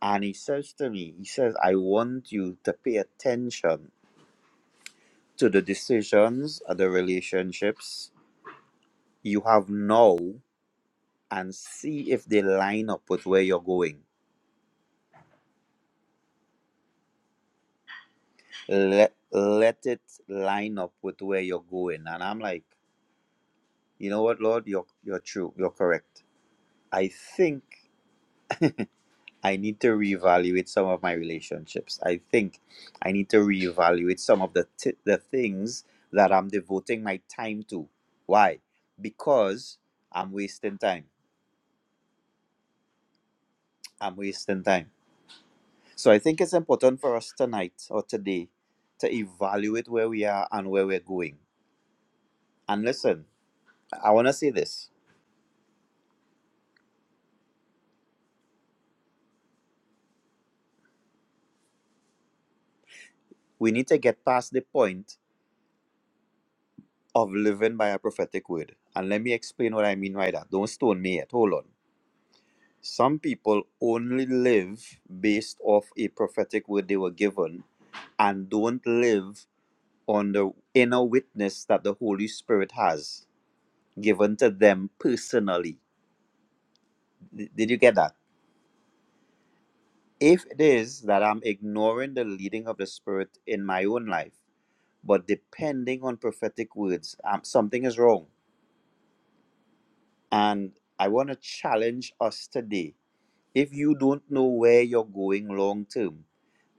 C: And he says to me, he says, I want you to pay attention to the decisions and the relationships you have now and see if they line up with where you're going. Let let it line up with where you're going. And I'm like, you know what, Lord, you're you're true. You're correct. I think I need to reevaluate some of my relationships. I think I need to reevaluate some of the t- the things that I'm devoting my time to. Why? Because I'm wasting time. I'm wasting time. So I think it's important for us tonight or today to evaluate where we are and where we're going. And listen, I want to say this. We need to get past the point of living by a prophetic word. And let me explain what I mean by that. Don't stone me yet. Hold on. Some people only live based off a prophetic word they were given and don't live on the inner witness that the Holy Spirit has given to them personally. D- Did you get that? If it is that I'm ignoring the leading of the Spirit in my own life, but depending on prophetic words, um, something is wrong. And I want to challenge us today. If you don't know where you're going long term,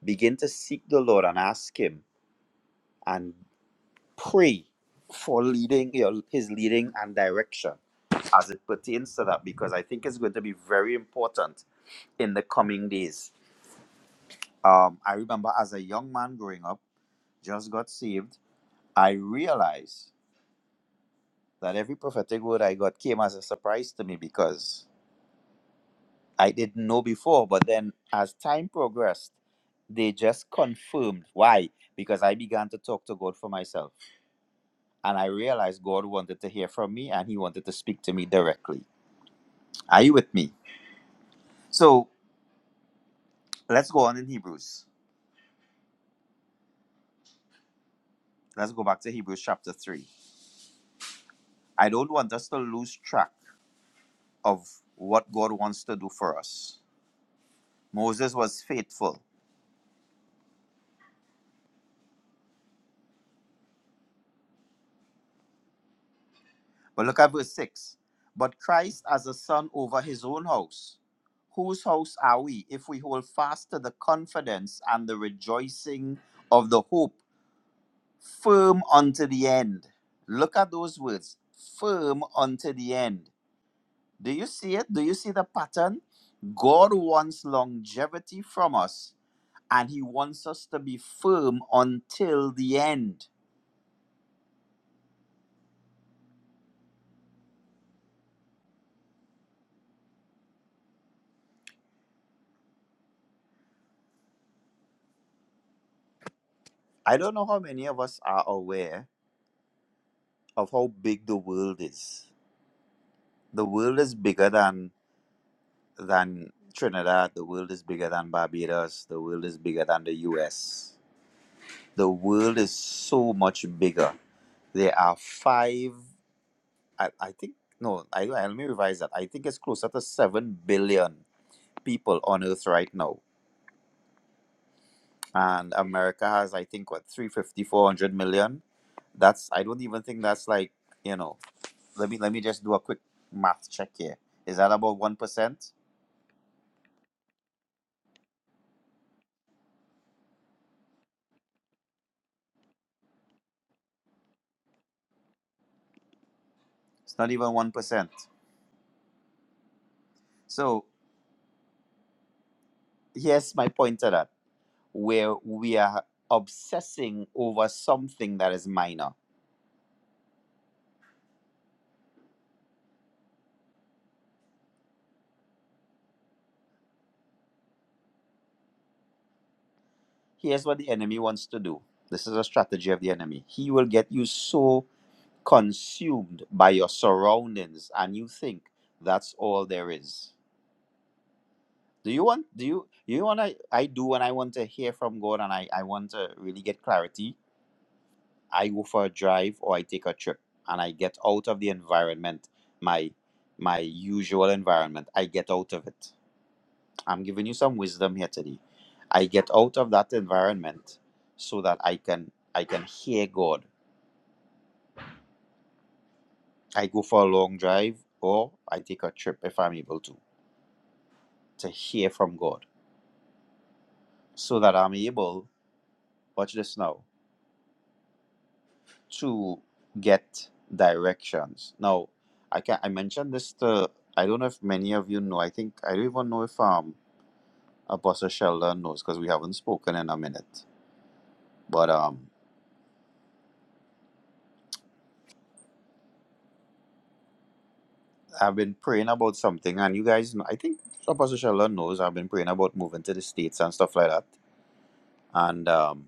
C: begin to seek the Lord and ask Him and pray for leading you know, his leading and direction as it pertains to that because I think it's going to be very important in the coming days. Um, I remember as a young man growing up, just got saved, I realized that every prophetic word I got came as a surprise to me because I didn't know before. But then as time progressed, they just confirmed. Why? Because I began to talk to God for myself. And I realized God wanted to hear from me and he wanted to speak to me directly. Are you with me? So let's go on in Hebrews. Let's go back to Hebrews chapter 3. I don't want us to lose track of what God wants to do for us. Moses was faithful. But look at verse 6. But Christ as a son over his own house. Whose house are we if we hold fast to the confidence and the rejoicing of the hope firm unto the end. Look at those words firm unto the end. Do you see it? Do you see the pattern? God wants longevity from us and he wants us to be firm until the end. I don't know how many of us are aware of how big the world is. The world is bigger than than Trinidad, the world is bigger than Barbados, the world is bigger than the US. The world is so much bigger there are 5 I, I think no, I, I let me revise that. I think it's closer to seven billion people on Earth right now, and America has I think what three fifty four hundred million. That's I don't even think that's like you know. Let me let me just do a quick math check here. Is that about one percent? It's not even one percent. So here's my point to that, where we are obsessing over something that is minor. Here's what the enemy wants to do. This is a strategy of the enemy. He will get you so consumed by your surroundings and you think that's all there is do you want do you you want to i do when i want to hear from god and i i want to really get clarity i go for a drive or i take a trip and i get out of the environment my my usual environment i get out of it i'm giving you some wisdom here today i get out of that environment so that i can i can hear god i go for a long drive or i take a trip if i'm able to to hear from God so that I'm able, watch this now, to get directions. Now, I can I mentioned this to I don't know if many of you know. I think I don't even know if um Apostle Sheldon knows because we haven't spoken in a minute. But um I've been praying about something and you guys know I think Apostle Sheldon knows I've been praying about moving to the States and stuff like that. And um,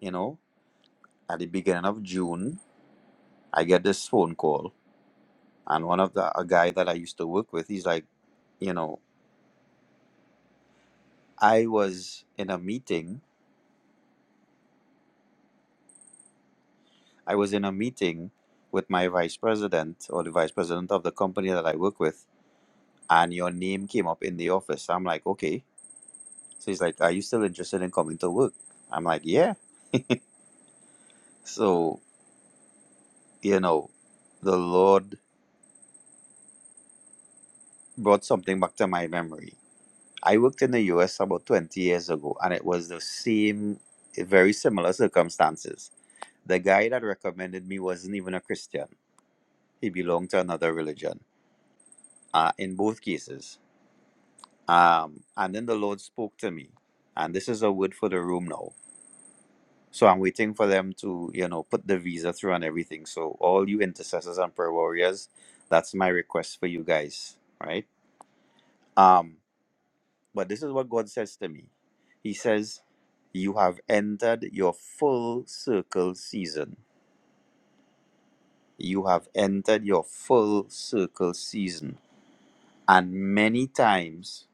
C: you know, at the beginning of June I get this phone call And one of the a guy that I used to work with, he's like, you know, I was in a meeting. I was in a meeting with my vice president or the vice president of the company that I work with, and your name came up in the office. I'm like, okay. So he's like, are you still interested in coming to work? I'm like, yeah. So you know, the Lord brought something back to my memory. I worked in the U.S. about 20 years ago, and it was the same, very similar circumstances The guy that recommended me wasn't even a Christian. He belonged to another religion. Uh, in both cases. Um, and then the Lord spoke to me. And this is a word for the room now. So I'm waiting for them to, you know, put the visa through and everything. So all you intercessors and prayer warriors, that's my request for you guys. Right? Um, but this is what God says to me. He says, You have entered your full circle season. You have entered your full circle season And many times,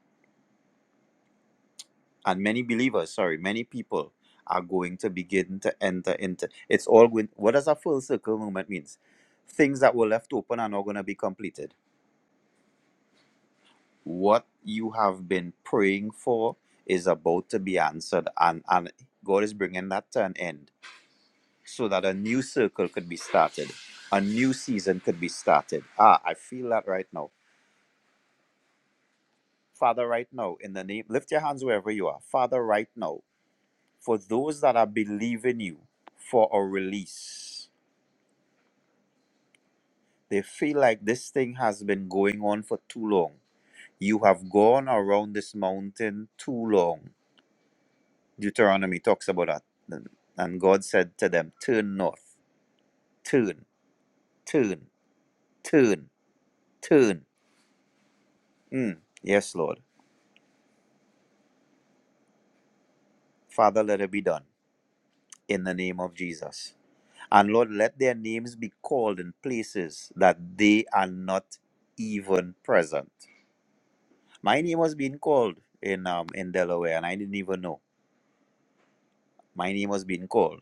C: and many believers, sorry, many people are going to begin to enter into it's all going what does a full circle moment means? Things that were left open are not going to be completed. What you have been praying for is about to be answered, and, and God is bringing that to an end so that a new circle could be started, a new season could be started. Ah, I feel that right now. Father, right now, in the name, lift your hands wherever you are. Father, right now. for those that are believing you for a release. They feel like this thing has been going on for too long. You have gone around this mountain too long. Deuteronomy talks about that. And and God said to them, Turn north, turn, turn, turn, turn. Mm. Yes, Lord. Father, let it be done in the name of Jesus. And Lord, let their names be called in places that they are not even present. My name was being called in um in Delaware, and I didn't even know my name was being called.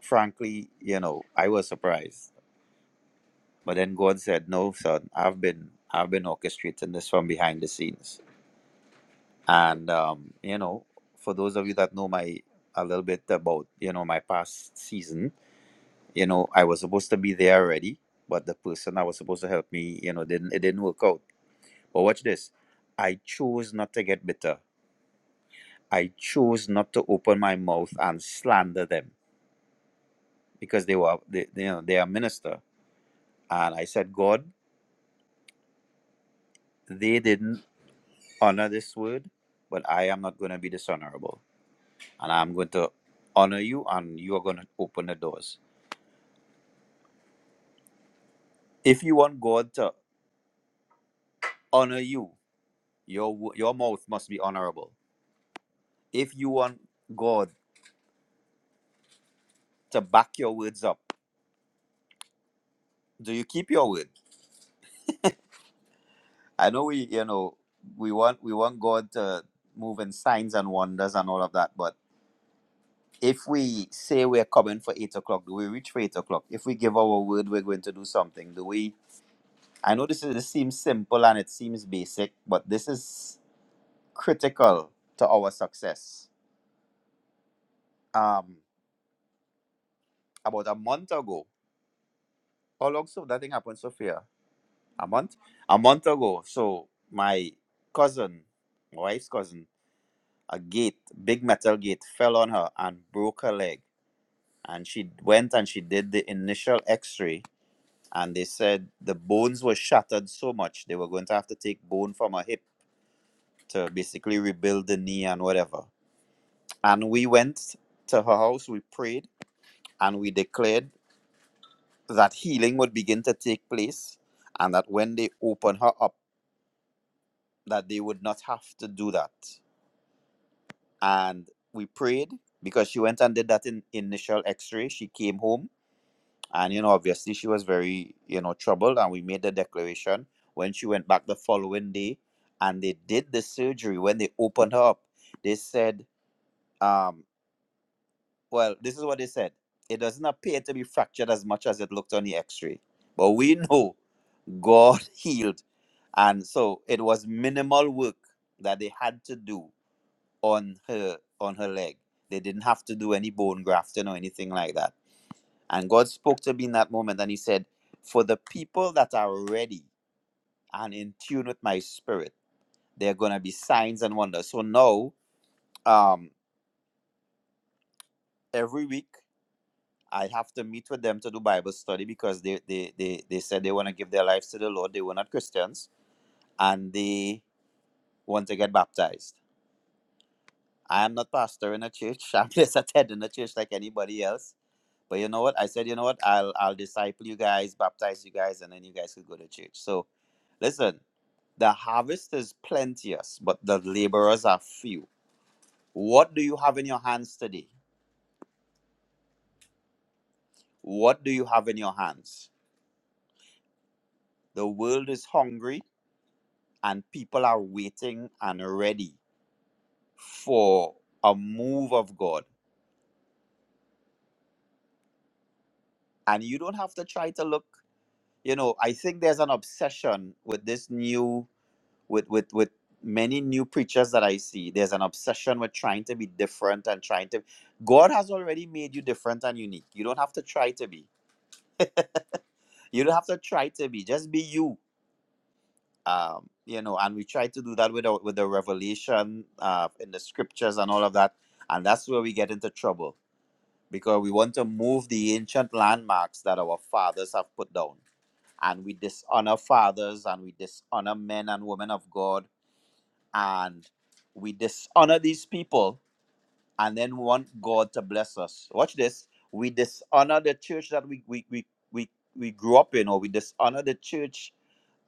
C: Frankly, you know, I was surprised. But then God said, "No, son, I've been I've been orchestrating this from behind the scenes." And um, you know, for those of you that know my a little bit about you know my past season, you know, I was supposed to be there already, but the person that was supposed to help me, you know, didn't it didn't work out. But watch this, I chose not to get bitter. I chose not to open my mouth and slander them because they were they, they, you know they are minister and I said God they didn't honor this word but I am not going to be dishonorable and I'm going to honor you and you are going to open the doors if you want God to honor you your wo- your mouth must be honorable if you want God to back your words up do you keep your word I know we you know we want we want God to move in signs and wonders and all of that but if we say we're coming for eight o'clock, do we reach for eight o'clock? If we give our word we're going to do something, do we? I know this is this seems simple and it seems basic, but this is critical to our success. Um, about a month ago, how long so that thing happened, Sophia? A month? A month ago. So my cousin, my wife's cousin, a gate, big metal gate, fell on her and broke her leg. And she went and she did the initial X-ray and they said the bones were shattered so much they were going to have to take bone from her hip to basically rebuild the knee and whatever. And we went to her house, we prayed, and we declared that healing would begin to take place and that when they open her up, that they would not have to do that. And we prayed because she went and did that in initial x-ray. She came home and you know obviously she was very you know troubled and we made the declaration when she went back the following day and they did the surgery when they opened her up they said um well this is what they said it doesn't appear to be fractured as much as it looked on the x-ray but we know god healed and so it was minimal work that they had to do on her on her leg they didn't have to do any bone grafting or anything like that and God spoke to me in that moment and He said, For the people that are ready and in tune with my spirit, there are going to be signs and wonders. So now, um, every week, I have to meet with them to do Bible study because they, they, they, they said they want to give their lives to the Lord. They were not Christians and they want to get baptized. I am not pastor in a church. I'm just attending a church like anybody else But you know what? I said, you know what? I'll I'll disciple you guys, baptize you guys, and then you guys could go to church. So listen, the harvest is plenteous, but the laborers are few. What do you have in your hands today? What do you have in your hands? The world is hungry and people are waiting and ready for a move of God. And you don't have to try to look, you know, I think there's an obsession with this new with with with many new preachers that I see, there's an obsession with trying to be different and trying to. God has already made you different and unique. You don't have to try to be. You don't have to try to be. Just be you. Um, you know, and we try to do that with our, with the revelation uh, in the scriptures and all of that, and that's where we get into trouble because we want to move the ancient landmarks that our fathers have put down, and we dishonor fathers and we dishonor men and women of God and we dishonor these people and then want God to bless us. Watch this. We dishonor the church that we we we we, we grew up in, or we dishonor the church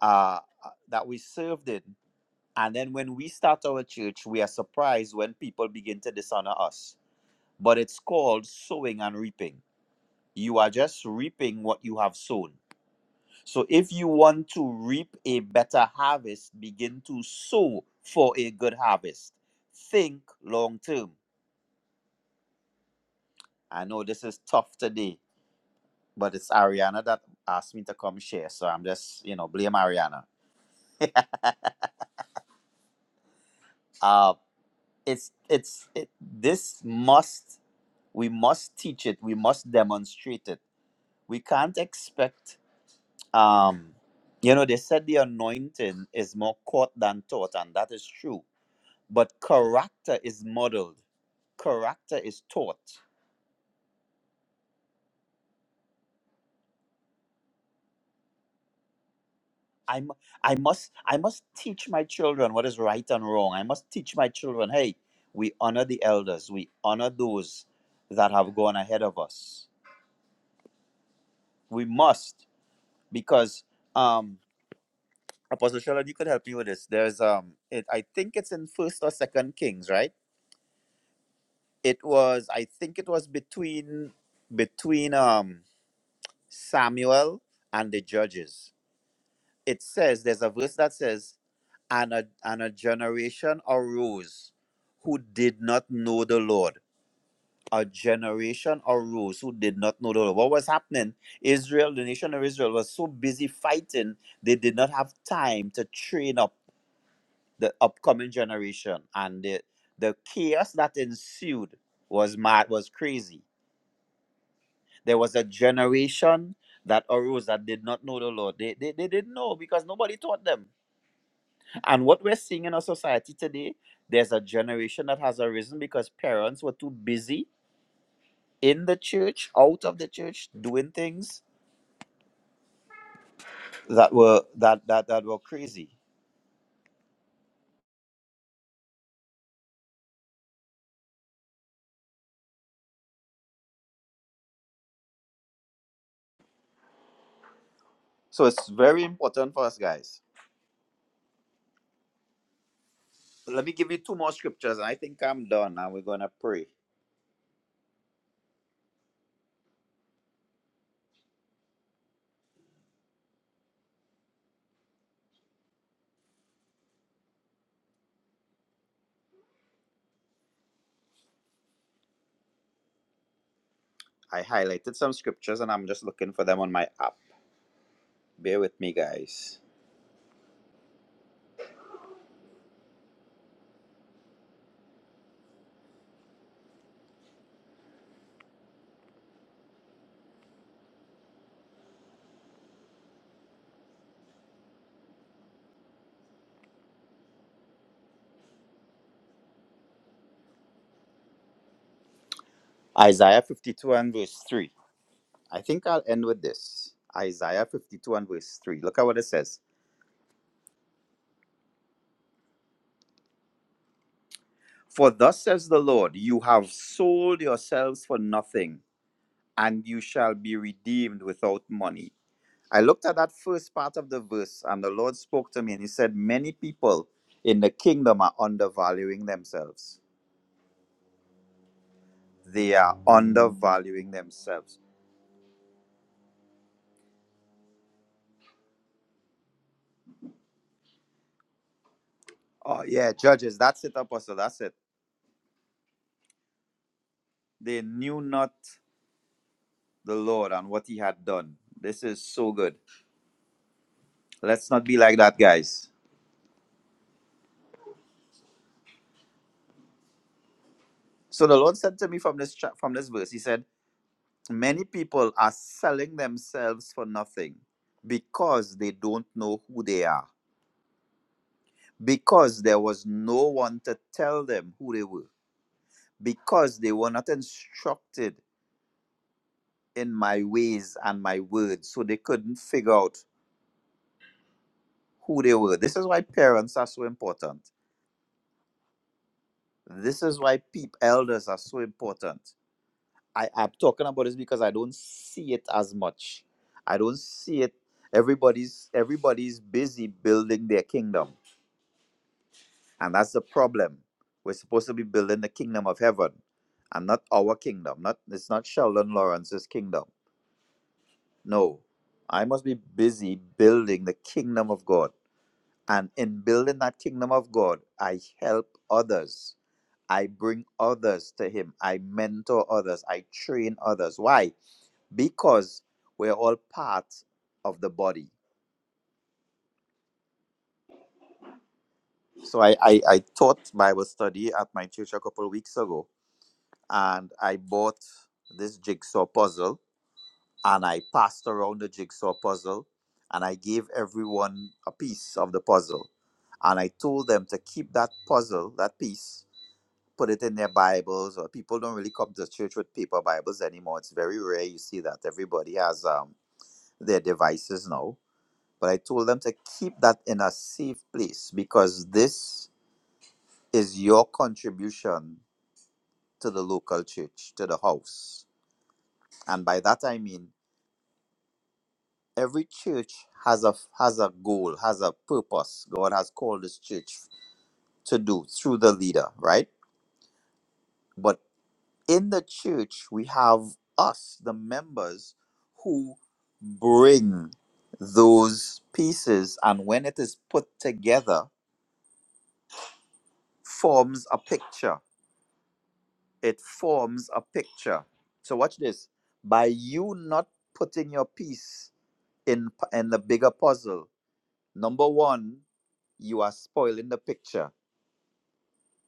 C: uh, uh, that we served in. And then when we start our church, we are surprised when people begin to dishonor us. But it's called sowing and reaping. You are just reaping what you have sown so if you want to reap a better harvest, begin to sow for a good harvest. Think long term. I know this is tough today, but it's Ariana that asked me to come share. So I'm just, you know, blame Ariana. Uh it's it's it, this must we must teach it. We must demonstrate it. We can't expect um you know they said the anointing is more caught than taught and that is true. But character is modeled character is taught. I, am I must I must teach my children what is right and wrong. I must teach my children, hey, we honor the elders, we honor those that have gone ahead of us. We must because um Apostle Sheldon, you could help me with this. There's um it I think it's in first or second Kings, right? It was I think it was between between um Samuel and the judges. It says there's a verse that says and a, and a generation arose who did not know the Lord. A generation arose who did not know the Lord. What was happening? Israel, the nation of Israel, was so busy fighting, they did not have time to train up the upcoming generation. And the, the chaos that ensued was mad, was crazy. There was a generation that arose that did not know the Lord. They, they, they didn't know because nobody taught them And what we're seeing in our society today, there's a generation that has arisen because parents were too busy in the church, out of the church, doing things that were that that that were crazy. So it's very important for us guys. Let me give you two more scriptures, and I think I'm done. And we're gonna pray. I highlighted some scriptures, and I'm just looking for them on my app. Bear with me, guys. Isaiah 52 and verse 3. I think I'll end with this. Isaiah 52 and verse 3. Look at what it says. For thus says the Lord, you have sold yourselves for nothing, and you shall be redeemed without money. I looked at that first part of the verse, and the Lord spoke to me, and He said, Many people in the kingdom are undervaluing themselves. They are undervaluing themselves. Oh, yeah, judges, that's it, Apostle, that's it. They knew not the Lord and what He had done. This is so good. Let's not be like that, guys. So the Lord said to me from this, cha- from this verse, He said, Many people are selling themselves for nothing because they don't know who they are, because there was no one to tell them who they were, because they were not instructed in my ways and my words, so they couldn't figure out who they were. This is why parents are so important. This is why peop elders are so important. I, I'm talking about this because I don't see it as much. I don't see it. Everybody's everybody's busy building their kingdom And that's the problem. We're supposed to be building the kingdom of heaven and not our kingdom. Not it's not Sheldon Lawrence's kingdom. No. I must be busy building the kingdom of God. And in building that kingdom of God, I help others. I bring others to him. I mentor others. I train others. Why? Because we're all part of the body. So I, I, I taught Bible study at my church a couple of weeks ago and I bought this jigsaw puzzle and I passed around the jigsaw puzzle and I gave everyone a piece of the puzzle. And I told them to keep that puzzle, that piece, put it in their Bibles. Or people don't really come to church with paper Bibles anymore. It's very rare you see that. Everybody has um, their devices now. But I told them to keep that in a safe place because this is your contribution to the local church, to the house. And by that I mean every church has a has a goal, has a purpose. God has called this church to do through the leader, right? But in the church, we have us, the members, who bring those pieces, and when it is put together, forms a picture. It forms a picture. So watch this. By you not putting your piece in in the bigger puzzle, number one, you are spoiling the picture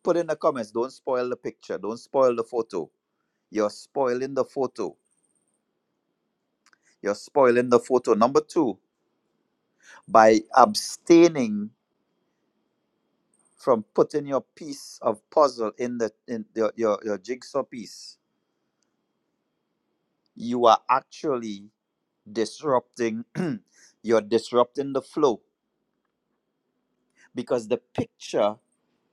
C: Put in the comments, don't spoil the picture, don't spoil the photo. You're spoiling the photo. You're spoiling the photo. Number two, by abstaining from putting your piece of puzzle in the in your, your, your jigsaw piece, you are actually disrupting you're disrupting the flow because the picture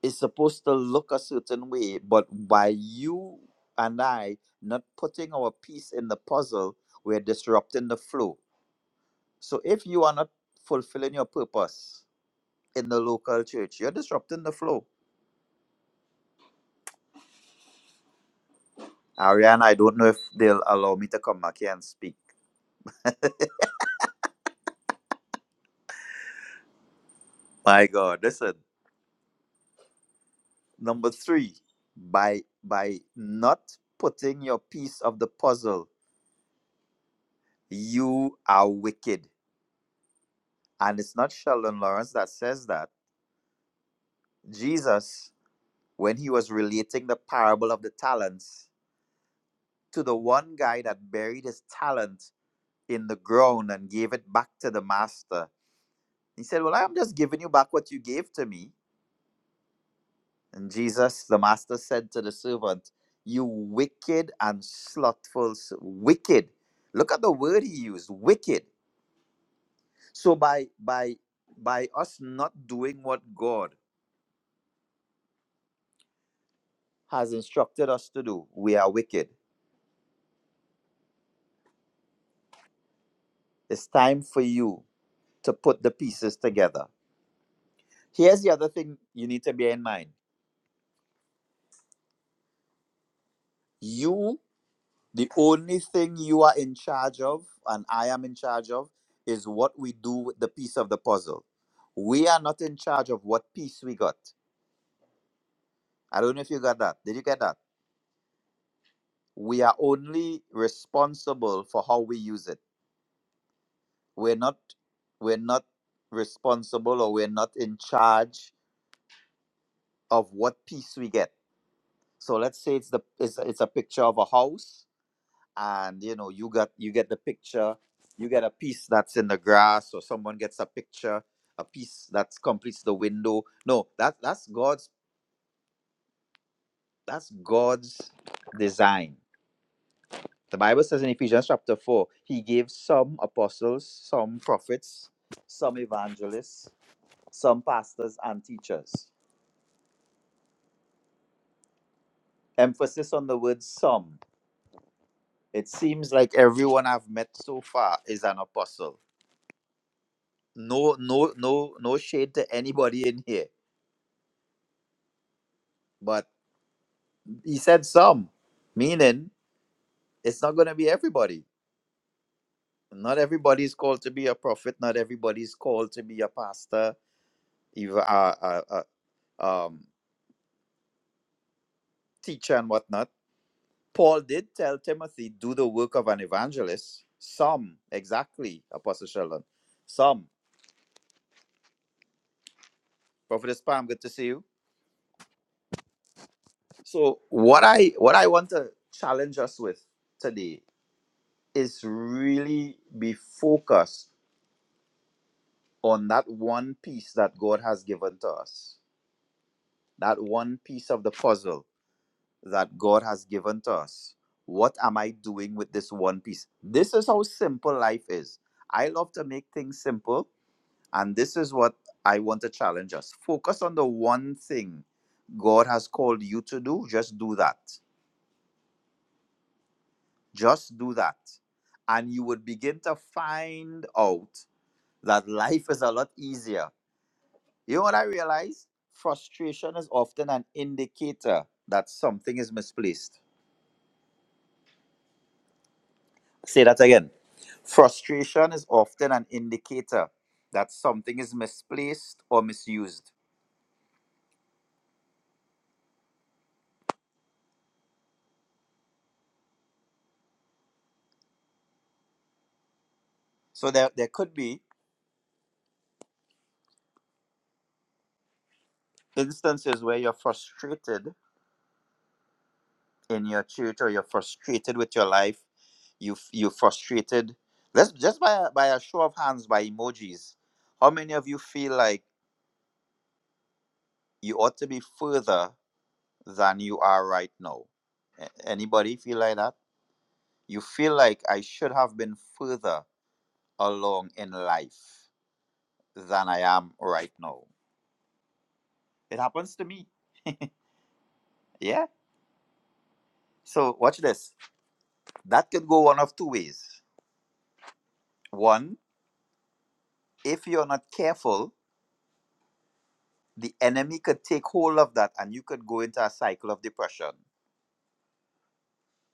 C: is supposed to look a certain way, but by you and I not putting our piece in the puzzle, we're disrupting the flow So if you are not fulfilling your purpose in the local church, you're disrupting the flow. Ariane, I don't know if they'll allow me to come back here and speak. My God, listen. Number three, by by not putting your piece of the puzzle, you are wicked. And it's not Sheldon Lawrence that says that. Jesus, when he was relating the parable of the talents to the one guy that buried his talent in the ground and gave it back to the master, He said, Well, I'm just giving you back what you gave to me. And Jesus, the master, said to the servant, You wicked and slothful, ser- wicked. Look at the word he used, wicked. So by by by us not doing what God has instructed us to do, we are wicked. It's time for you to put the pieces together. Here's the other thing you need to bear in mind. You The only thing you are in charge of, and I am in charge of, is what we do with the piece of the puzzle. We are not in charge of what piece we got. I don't know if you got that. Did you get that? We are only responsible for how we use it. We're not we're not responsible or we're not in charge of what piece we get. So let's say it's the it's, it's a picture of a house and you know you got you get the picture you get a piece that's in the grass or someone gets a picture a piece that completes the window no that that's god's that's god's design the bible says in ephesians chapter 4 he gave some apostles some prophets some evangelists some pastors and teachers emphasis on the word some it seems like everyone i've met so far is an apostle no no no no shade to anybody in here but he said some, meaning it's not going to be everybody. Not everybody is called to be a prophet. Not everybody is called to be a pastor, even a, a, a um, teacher and whatnot. Paul did tell Timothy, do the work of an evangelist. Some, exactly, Apostle Sheldon. Some. Prophetess Pam, good to see you. So what I what I want to challenge us with today is really be focused on that one piece that God has given to us that one piece of the puzzle that God has given to us. What am I doing with this one piece? This is how simple life is. I love to make things simple, and this is what I want to challenge us. Focus on the one thing God has called you to do. Just do that. Just do that. And you would begin to find out that life is a lot easier. You know what I realize? Frustration is often an indicator that something is misplaced Say that again. Frustration is often an indicator that something is misplaced or misused. So there, there could be instances where you're frustrated in your church or you're frustrated with your life. You you're frustrated. Let's just by a, by a show of hands by emojis. How many of you feel like you ought to be further than you are right now? A- Anybody feel like that? You feel like I should have been further along in life than I am right now. It happens to me. Yeah. So watch this. That could go one of two ways. One, if you're not careful, the enemy could take hold of that and you could go into a cycle of depression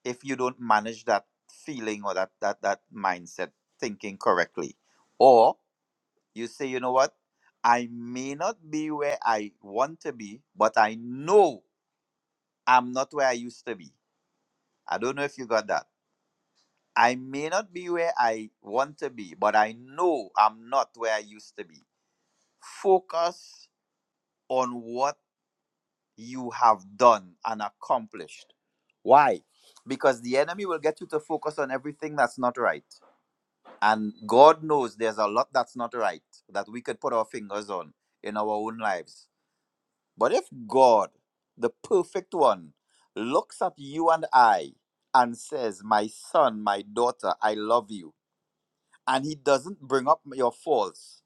C: if you don't manage that feeling or that that that mindset thinking correctly. Or you say, you know what? I may not be where I want to be, but I know I'm not where I used to be. I don't know if you got that I may not be where I want to be, but I know I'm not where I used to be. Focus on what you have done and accomplished. Why? Because the enemy will get you to focus on everything that's not right. And God knows there's a lot that's not right that we could put our fingers on in our own lives. But if God, the perfect one, looks at you and I and says, My son, my daughter, I love you and he doesn't bring up your faults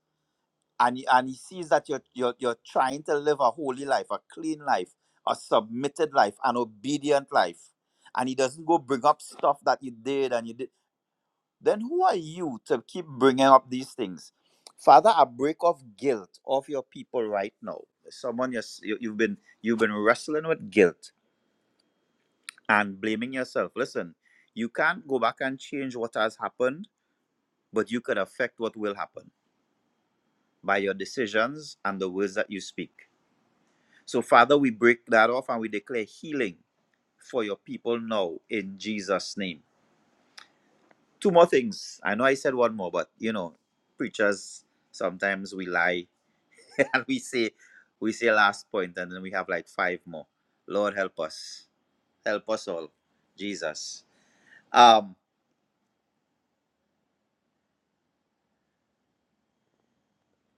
C: and he, and he sees that you're, you're you're trying to live a holy life a clean life a submitted life an obedient life and he doesn't go bring up stuff that you did and you did then who are you to keep bringing up these things father a break of guilt of your people right now someone you're, s- you- you've been you've been wrestling with guilt and blaming yourself listen you can't go back and change what has happened but you could affect what will happen by your decisions and the words that you speak. So, Father, we break that off and we declare healing for your people now in Jesus' name. Two more things. I know I said one more, but you know, preachers sometimes we lie and we say we say last point and then we have like five more. Lord help us. Help us all. Jesus. Um,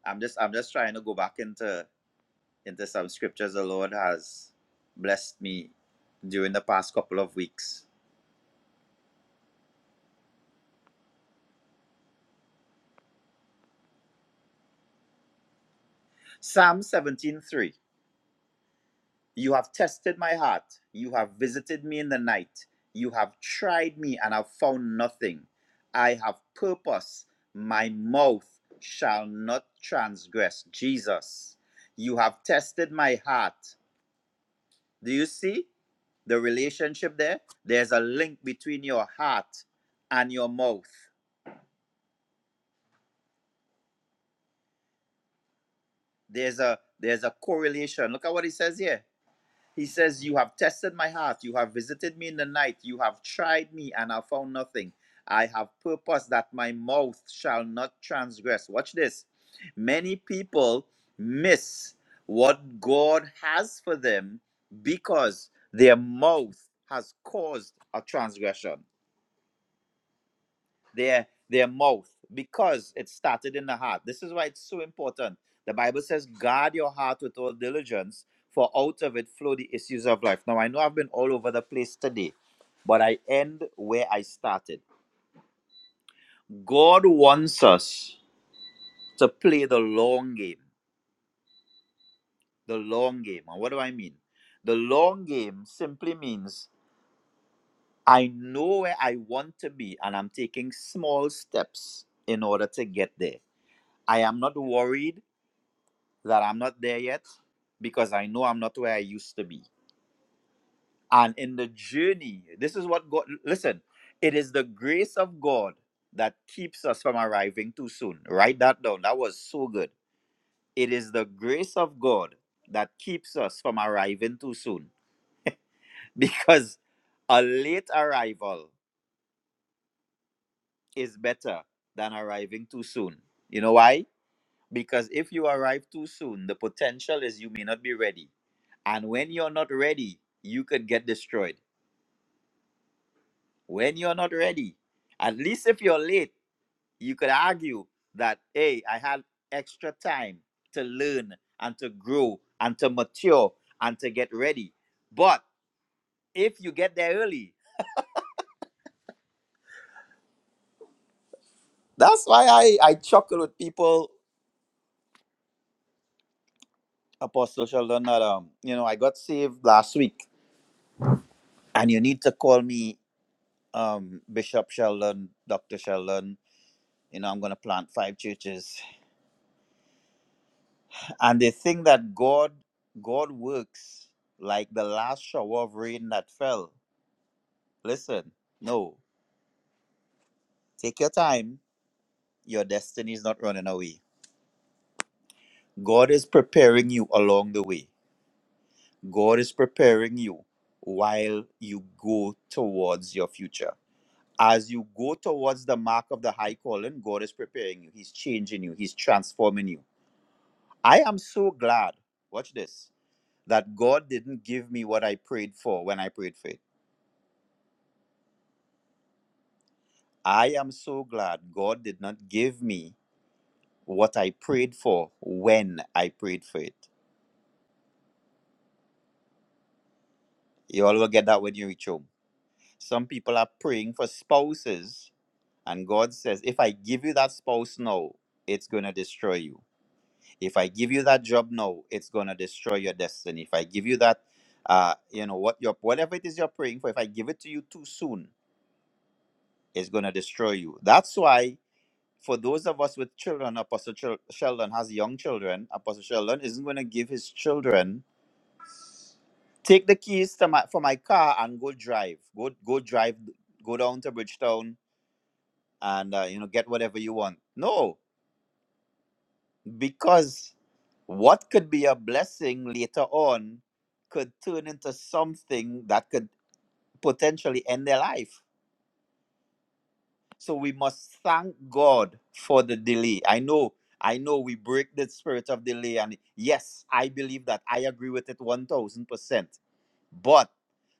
C: I'm just I'm just trying to go back into into some scriptures the Lord has blessed me during the past couple of weeks Psalm 17:3 You have tested my heart, you have visited me in the night, you have tried me and have found nothing. I have purpose, my mouth shall not transgress. Jesus, you have tested my heart. Do you see the relationship there? There's a link between your heart and your mouth. There's a there's a correlation. Look at what he says here. He says, You have tested my heart. You have visited me in the night. You have tried me and have found nothing. I have purposed that my mouth shall not transgress. Watch this. Many people miss what God has for them because their mouth has caused a transgression their their mouth because it started in the heart this is why it's so important the bible says guard your heart with all diligence for out of it flow the issues of life now i know i've been all over the place today but i end where i started god wants us to play the long game the long game and what do i mean the long game simply means i know where i want to be and i'm taking small steps in order to get there i am not worried that I'm not there yet because I know I'm not where I used to be. And in the journey, this is what God, listen, it is the grace of God that keeps us from arriving too soon. Write that down. That was so good. It is the grace of God that keeps us from arriving too soon because a late arrival is better than arriving too soon. You know why? Because if you arrive too soon, the potential is you may not be ready. And when you're not ready, you could get destroyed. When you're not ready, at least if you're late, you could argue that, hey, I had extra time to learn and to grow and to mature and to get ready. But if you get there early, that's why I, I chuckle with people, Apostle Sheldon, that, um, you know, I got saved last week and you need to call me um, Bishop Sheldon, Dr. Sheldon, you know, I'm going to plant five churches. And they think that God, God works like the last shower of rain that fell. Listen, no, take your time. Your destiny is not running away. God is preparing you along the way. God is preparing you while you go towards your future. As you go towards the mark of the high calling, God is preparing you. He's changing you. He's transforming you I am so glad, watch this, that God didn't give me what I prayed for when I prayed for it. I am so glad God did not give me what I prayed for when I prayed for it. You all will get that when you reach home. Some people are praying for spouses, and God says, if I give you that spouse now, it's going to destroy you. If I give you that job now, it's going to destroy your destiny. If I give you that, uh, you know, what you're, whatever it is you're praying for, if I give it to you too soon, It's going to destroy you. That's why, for those of us with children, Apostle Chil- Sheldon has young children. Apostle Sheldon isn't going to give his children take the keys to my for my car and go drive. Go go drive. Go down to Bridgetown and uh, you know get whatever you want. No, because what could be a blessing later on could turn into something that could potentially end their life So we must thank God for the delay. I know, I know we break the spirit of delay. And yes, I believe that. I agree with it 1000%. But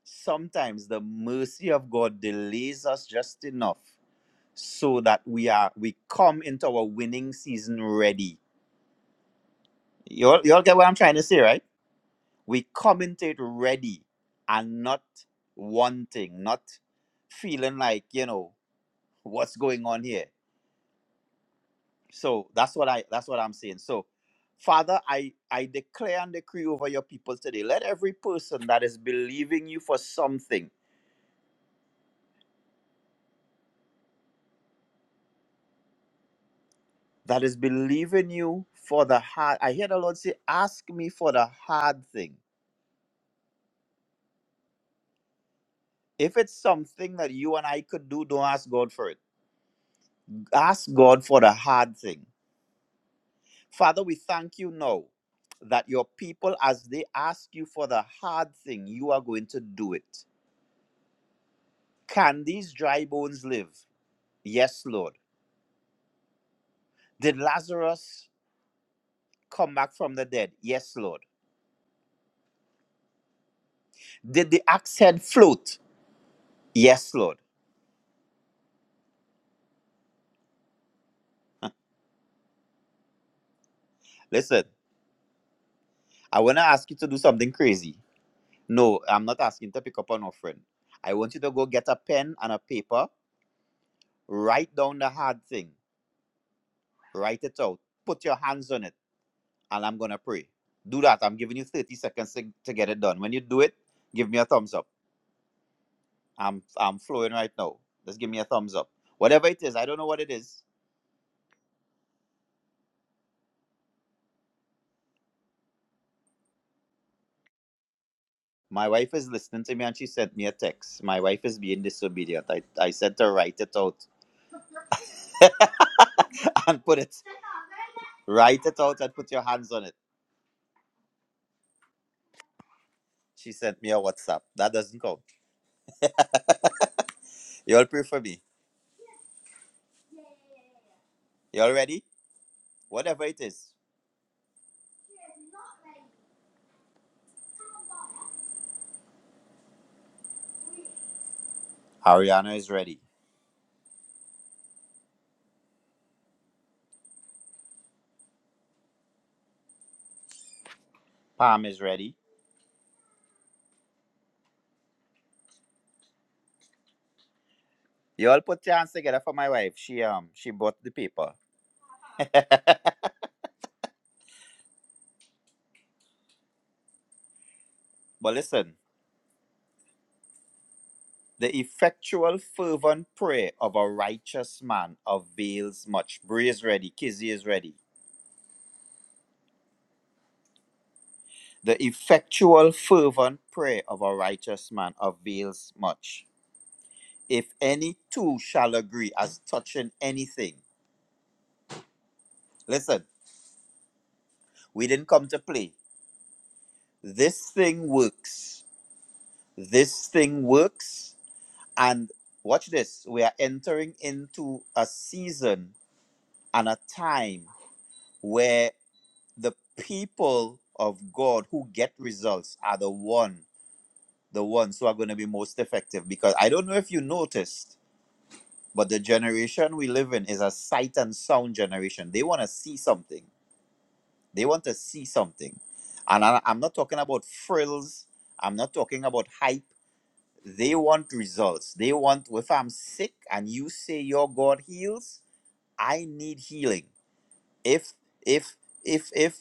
C: sometimes the mercy of God delays us just enough so that we are we come into our winning season ready. You all, you all get what I'm trying to say, right? We come into it ready and not wanting, not feeling like, you know, what's going on here So that's what I that's what I'm saying. So, Father, I I declare and decree over your people today. Let every person that is believing you for something, that is believing you for the hard. I hear the Lord say, "Ask me for the hard thing." If it's something that you and I could do, don't ask God for it. Ask God for the hard thing. Father, we thank you now that your people, as they ask you for the hard thing, you are going to do it. Can these dry bones live? Yes, Lord. Did Lazarus come back from the dead? Yes, Lord. Did the axe head float? Yes, Lord. Listen, I want to ask you to do something crazy. No, I'm not asking to pick up an offering. I want you to go get a pen and a paper, write down the hard thing, write it out, put your hands on it, and I'm going to pray. Do that. I'm giving you 30 seconds to, to get it done. When you do it, give me a thumbs up. I'm, I'm flowing right now. Just give me a thumbs up. Whatever it is, I don't know what it is. My wife is listening to me and she sent me a text. My wife is being disobedient. I, I said to write it out and put it. Write it out and put your hands on it. She sent me a WhatsApp. That doesn't count. You all pray for me. You all ready? Whatever it is. Ariana is ready. Pam is ready. You all put your hands together for my wife. She um she bought the paper. but listen, the effectual fervent prayer of a righteous man avails much. Bree is ready. Kizzy is ready. The effectual, fervent prayer of a righteous man avails much. If any two shall agree as touching anything, listen, we didn't come to play. This thing works. This thing works. And watch this we are entering into a season and a time where the people of God who get results are the one the ones who are going to be most effective because I don't know if you noticed But the generation we live in is a sight and sound generation. They want to see something. They want to see something. And I, I'm not talking about frills. I'm not talking about hype. They want results. They want, if I'm sick and you say your God heals, I need healing. If, if, if, if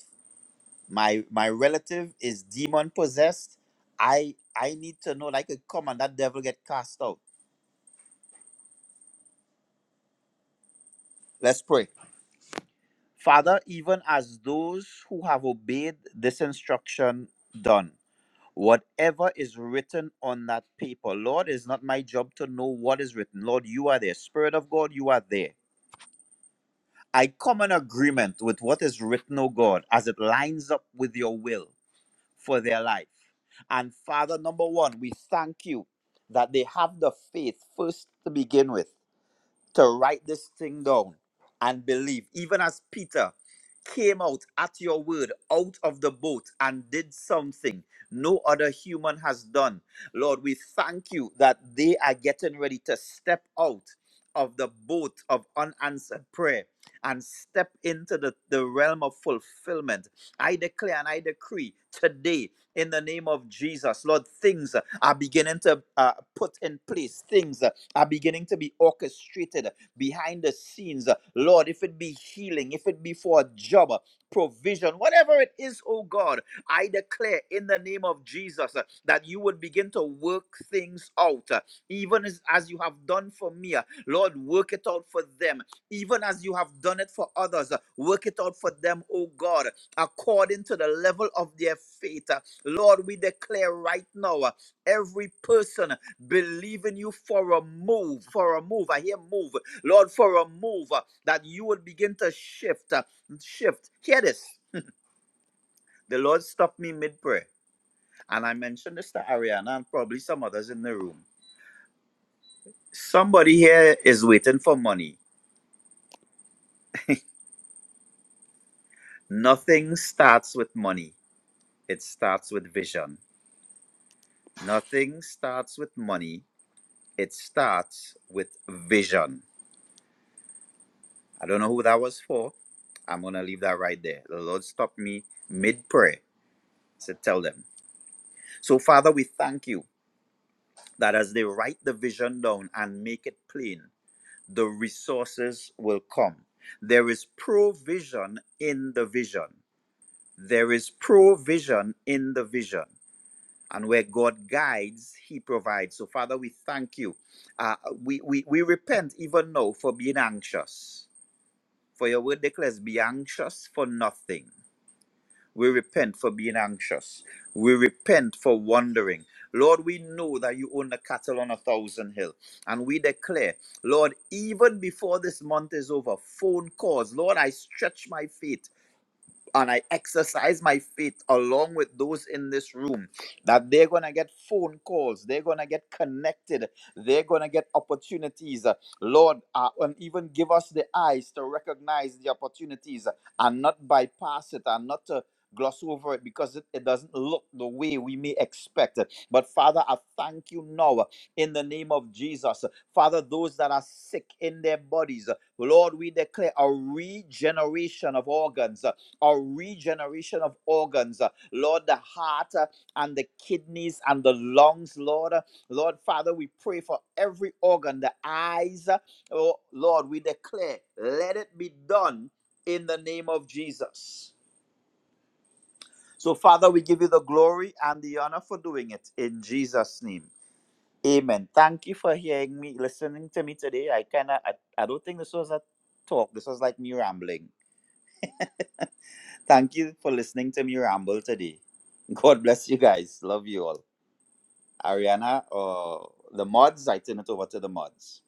C: my, my relative is demon possessed, I, I need to know that I could come and that devil get cast out. Let's pray. Father, even as those who have obeyed this instruction done, whatever is written on that paper, Lord, it's not my job to know what is written. Lord, you are there. Spirit of God, you are there. I come in agreement with what is written, O God, as it lines up with your will for their life. And Father, number one, we thank you that they have the faith first to begin with to write this thing down and believe. Even as Peter came out at your word out of the boat and did something no other human has done. Lord, we thank you that they are getting ready to step out of the boat of unanswered prayer and step into the, the realm of fulfillment. I declare and I decree today in the name of Jesus, Lord, things are beginning to uh, put in place, things are beginning to be orchestrated behind the scenes. Lord, if it be healing, if it be for a job, provision, whatever it is, oh God, I declare in the name of Jesus uh, that you would begin to work things out, uh, even as, as you have done for me. uh, Lord, work it out for them, even as you have done it for others. uh, Work it out for them, oh God, according to the level of their faith. Uh, Lord, we declare right now uh, every person believing you for a move, for a move. I hear move, Lord, for a move uh, that you would begin to shift, uh, shift. Hear this. The Lord stopped me mid prayer, and I mentioned this to Ariana and probably some others in the room. Somebody here is waiting for money. Nothing starts with money, it starts with vision. Nothing starts with money, it starts with vision. I don't know who that was for. I'm going to leave that right there. The Lord stopped me mid prayer said, Tell them. So, Father, we thank you that as they write the vision down and make it plain, the resources will come. There is provision in the vision. There is provision in the vision. And where God guides, He provides. So, Father, we thank you. Uh, we, we, we repent even now for being anxious. For your word declares, be anxious for nothing. We repent for being anxious. We repent for wandering. Lord, we know that you own the cattle on a thousand hill. And we declare, Lord, even before this month is over, phone calls. Lord, I stretch my faith and I exercise my faith along with those in this room that they're going to get phone calls, they're going to get connected, they're going to get opportunities. Uh, Lord, uh, and even give us the eyes to recognize the opportunities uh, and not bypass it and not to gloss over it because it, it doesn't look the way we may expect. But Father, I thank you now uh, in the name of Jesus. Father, those that are sick in their bodies, Lord, we declare a regeneration of organs or regeneration of organs. Uh, Lord, the heart uh, and the kidneys and the lungs, Lord. Uh, Lord, Father, we pray for every organ, the eyes. Uh, Oh, Lord, we declare, let it be done in the name of Jesus. So, Father, we give you the glory and the honor for doing it in Jesus' name. Amen. Thank you for hearing me, listening to me today. I kind of, I, I don't think this was a talk. This was like me rambling. Thank you for listening to me ramble today. God bless you guys. Love you all. Ariana or the mods, I turn it over to the mods.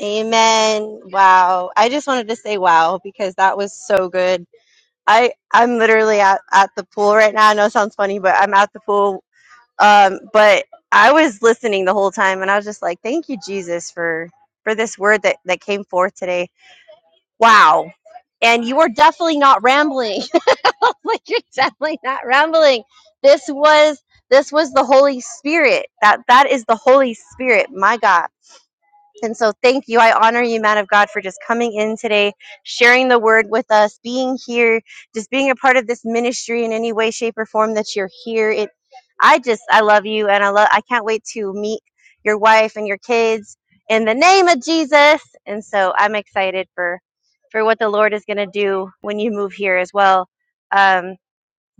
D: Amen. Wow. I just wanted to say wow because that was so good. I I'm literally at, at the pool right now. I know it sounds funny, but I'm at the pool um, but I was listening the whole time, and I was just like, "Thank you, Jesus, for for this word that that came forth today." Wow! And you were definitely not rambling. like you're definitely not rambling. This was this was the Holy Spirit. That that is the Holy Spirit. My God and so, thank you. I honor you, man of God, for just coming in today, sharing the word with us, being here, just being a part of this ministry in any way, shape, or form that you're here. It, I just, I love you, and I love. I can't wait to meet your wife and your kids in the name of Jesus. And so, I'm excited for for what the Lord is going to do when you move here as well. Um,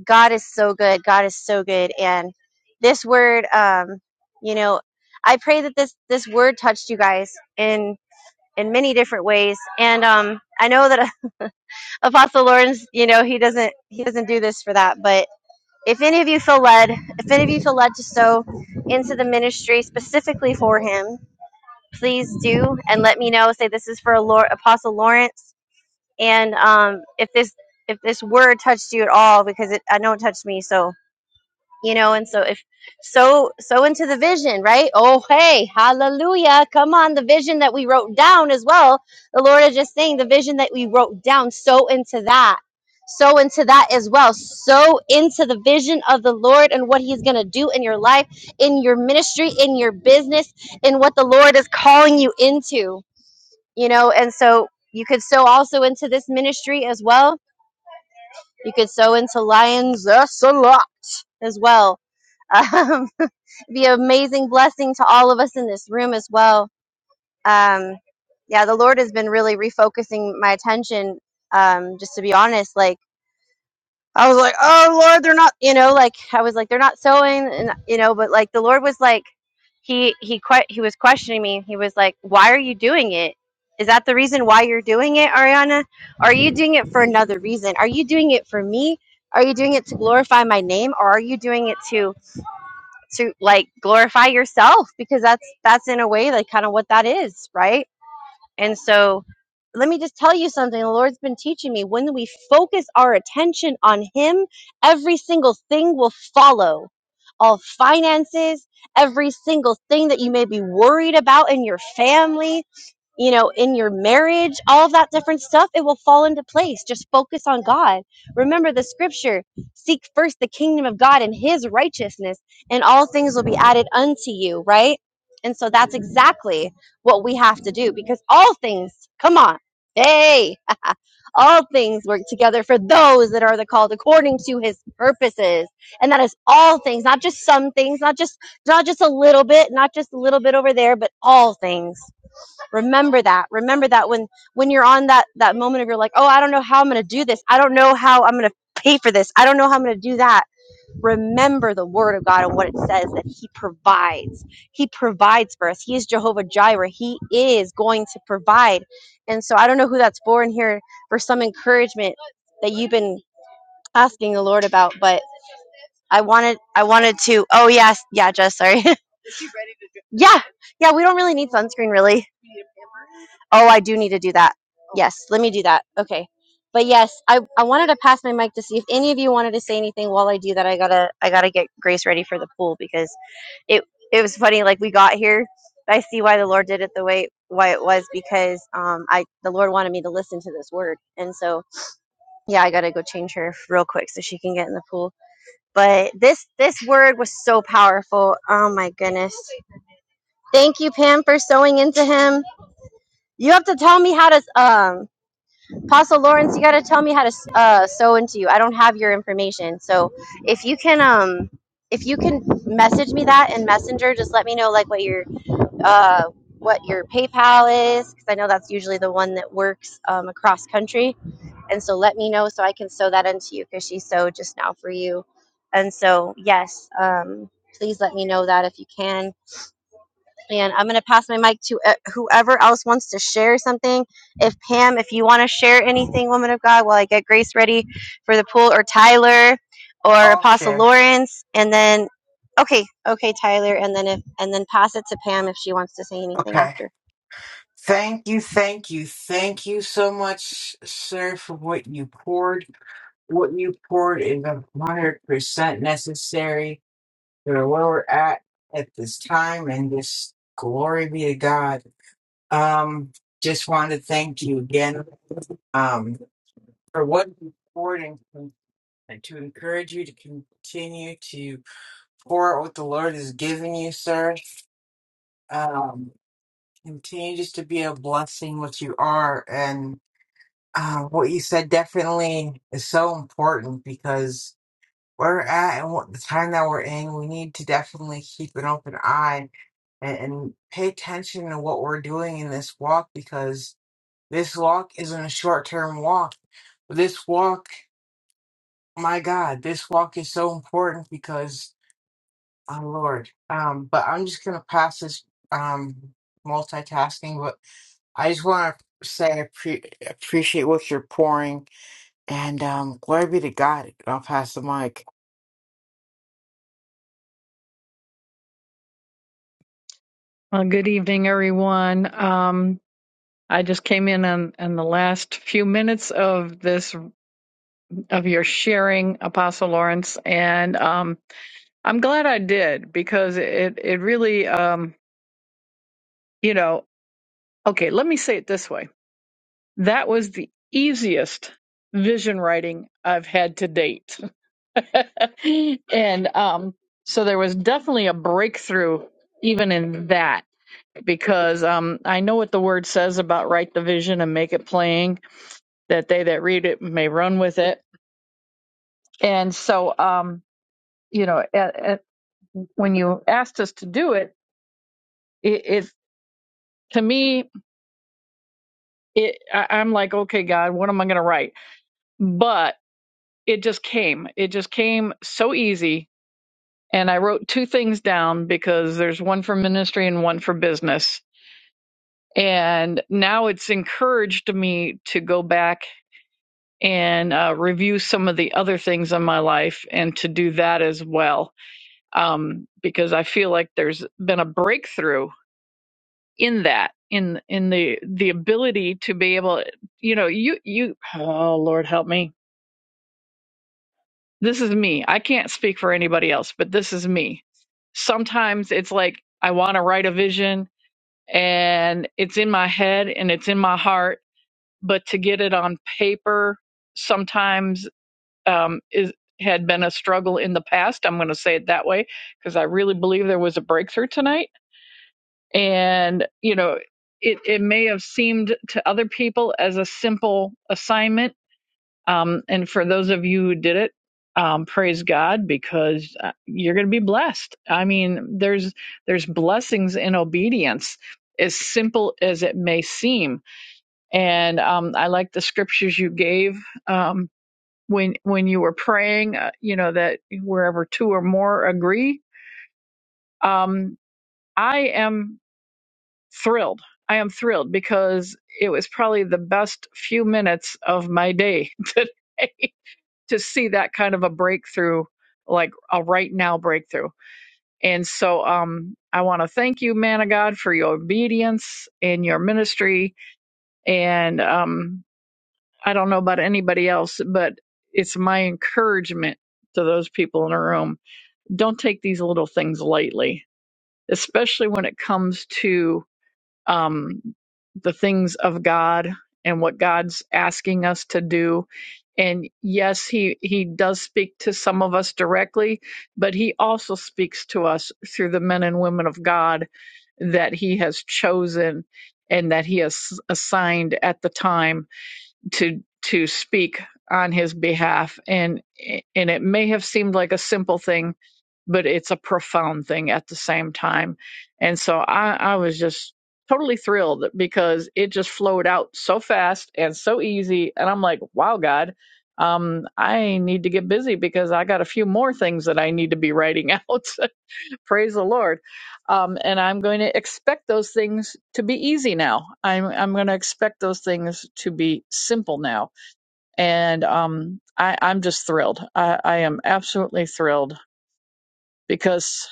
D: God is so good. God is so good. And this word, um, you know, I pray that this this word touched you guys in in many different ways. And um, I know that Apostle Lawrence, you know, he doesn't he doesn't do this for that, but if any of you feel led, if any of you feel led to sow into the ministry specifically for him, please do and let me know. Say this is for a Lord, Apostle Lawrence, and um, if this if this word touched you at all, because it I know it touched me, so you know and so if so so into the vision right oh hey hallelujah come on the vision that we wrote down as well the lord is just saying the vision that we wrote down so into that so into that as well so into the vision of the lord and what he's going to do in your life in your ministry in your business in what the lord is calling you into you know and so you could sow also into this ministry as well you could sow into lions that's a lot as well um, be an amazing blessing to all of us in this room as well. Um, yeah, the Lord has been really refocusing my attention. Um, just to be honest, like I was like, oh Lord, they're not, you know, like I was like, they're not sowing, and you know, but like the Lord was like, he he que- he was questioning me. He was like, why are you doing it? Is that the reason why you're doing it, Ariana? Are you doing it for another reason? Are you doing it for me? Are you doing it to glorify my name, or are you doing it to? to like glorify yourself because that's that's in a way like kind of what that is right and so let me just tell you something the lord's been teaching me when we focus our attention on him every single thing will follow all finances every single thing that you may be worried about in your family you know in your marriage all of that different stuff it will fall into place just focus on god remember the scripture seek first the kingdom of god and righteousness, and all things will be added unto you, right? And so that's exactly what we have to do because all things, come on, hey, all things work together for those that are the called according to his purposes. And that is all things, not just some things, not just not just a little bit, not just a little bit over there, but all things. Remember that. Remember that when when you're on that that moment of you're like, "Oh, I don't know how I'm going to do this. I don't know how I'm going to pay for this. I don't know how I'm going to do that." remember the word of God and what it says that He provides. He provides for us. He is Jehovah Jireh. He is going to provide. And so I don't know who that's for in here for some encouragement that you've been asking the Lord about, but I wanted I wanted to oh yes, yeah, Jess, sorry. yeah. Yeah, we don't really need sunscreen really. Oh, I do need to do that. Yes, let me do that. Okay. But yes, I, I wanted to pass my mic to see if any of you wanted to say anything while I do that. I gotta I gotta get Grace ready for the pool because it it was funny like we got here i see why the lord did it the way why it was because um i the lord wanted me to listen to this word and so yeah i gotta go change her real quick so she can get in the pool but this this word was so powerful oh my goodness thank you pam for sewing into him you have to tell me how to um apostle lawrence you gotta tell me how to uh sew into you i don't have your information so if you can um if you can message me that in messenger just let me know like what your uh, what your PayPal is, because I know that's usually the one that works um, across country. And so let me know so I can sew that into you because she sewed just now for you. And so, yes, um, please let me know that if you can. And I'm going to pass my mic to uh, whoever else wants to share something. If Pam, if you want to share anything, woman of God, while I get Grace ready for the pool, or Tyler, or
B: I'll
D: Apostle
B: share.
D: Lawrence, and then okay, okay, Tyler, and then if and then pass it to Pam if she wants to say anything
B: Okay.
D: after.
B: Thank you, thank you, thank you so much, sir, for what you poured. What you poured is a hundred percent necessary for where we're at at this time, and this glory be to God. Um, just want to thank you again, um, for what you poured and, con- and to encourage you to continue to pour out what the Lord has given you, sir. Um, continue just to be a blessing what you are, and Uh, what you said definitely is so important because where we're at and what the time that we're in, we need to definitely keep an open eye and, and pay attention to what we're doing in this walk because this walk isn't a short term walk. This walk, my God, this walk is so important because, oh Lord. Um, but I'm just gonna pass this um multitasking, but I just want to say I pre- appreciate what you're pouring And um, glory be to God. I'll pass the mic.
E: Well, good evening, everyone. Um, I just came in on, on the last few minutes of this of your sharing, Apostle Lawrence, and um, I'm glad I did because it it really um, you know okay. Let me say it this way: that was the easiest vision writing I've had to date, and um, so there was definitely a breakthrough even in that. because um, I know what the word says about write the vision and make it plain, that they that read it may run with it. And so, um, you know, at, at, when you asked us to do it, it, it to me, it, I, I'm like, okay, God, what am I going to write? But it just came. It just came so easy. And I wrote two things down because there's one for ministry and one for business. And now it's encouraged me to go back and uh, review some of the other things in my life and to do that as well um, because i feel like there's been a breakthrough in that in in the the ability to be able you know you you oh lord help me this is me i can't speak for anybody else but this is me sometimes it's like i want to write a vision and it's in my head and it's in my heart but to get it on paper sometimes um, is had been a struggle in the past. I'm going to say it that way because I really believe there was a breakthrough tonight, and you know, it it may have seemed to other people as a simple assignment, um, and for those of you who did it. Um, praise God because uh, you're going to be blessed. I mean, there's there's blessings in obedience, as simple as it may seem. And um, I like the scriptures you gave. Um, when when you were praying uh, you know that wherever two or more agree um i am thrilled i am thrilled because it was probably the best few minutes of my day today to see that kind of a breakthrough like a right now breakthrough and so um i want to thank you man of god for your obedience and your ministry and um i don't know about anybody else but it's my encouragement to those people in the room don't take these little things lightly, especially when it comes to um, the things of God and what God's asking us to do. And yes, he he does speak to some of us directly, but he also speaks to us through the men and women of God that he has chosen and that he has assigned at the time to to speak on his behalf and and it may have seemed like a simple thing but it's a profound thing at the same time and so i i was just totally thrilled because it just flowed out so fast and so easy and i'm like wow god um i need to get busy because i got a few more things that i need to be writing out Praise the Lord. Um, and I'm going to expect those things to be easy now. I'm, I'm going to expect those things to be simple now. And um, I, I'm just thrilled. I, I am absolutely thrilled because,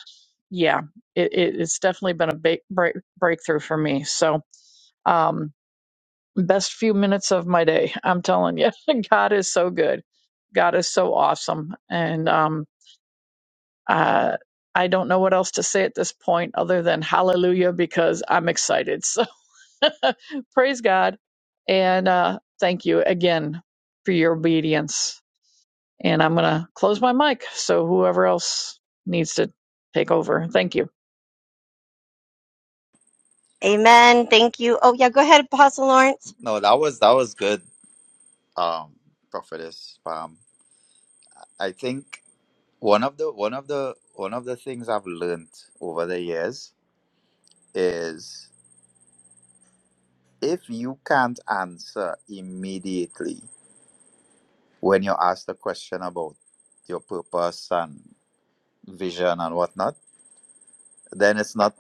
E: yeah, it, it, it's definitely been a big break, breakthrough for me. So, um, best few minutes of my day. I'm telling you, God is so good. God is so awesome. And, um, Uh, I don't know what else to say at this point other than hallelujah because I'm excited. So praise God. And uh, thank you again for your obedience. And I'm going to close my mic. So whoever else needs to take over, thank you.
D: Amen. Thank you. Oh yeah, go ahead, Apostle Lawrence.
C: No, that was that was good, um, prophetess. Um, I think one of the one of the one of the things I've learned over the years is if you can't answer immediately when you're asked a question about your purpose and vision and whatnot, then it's not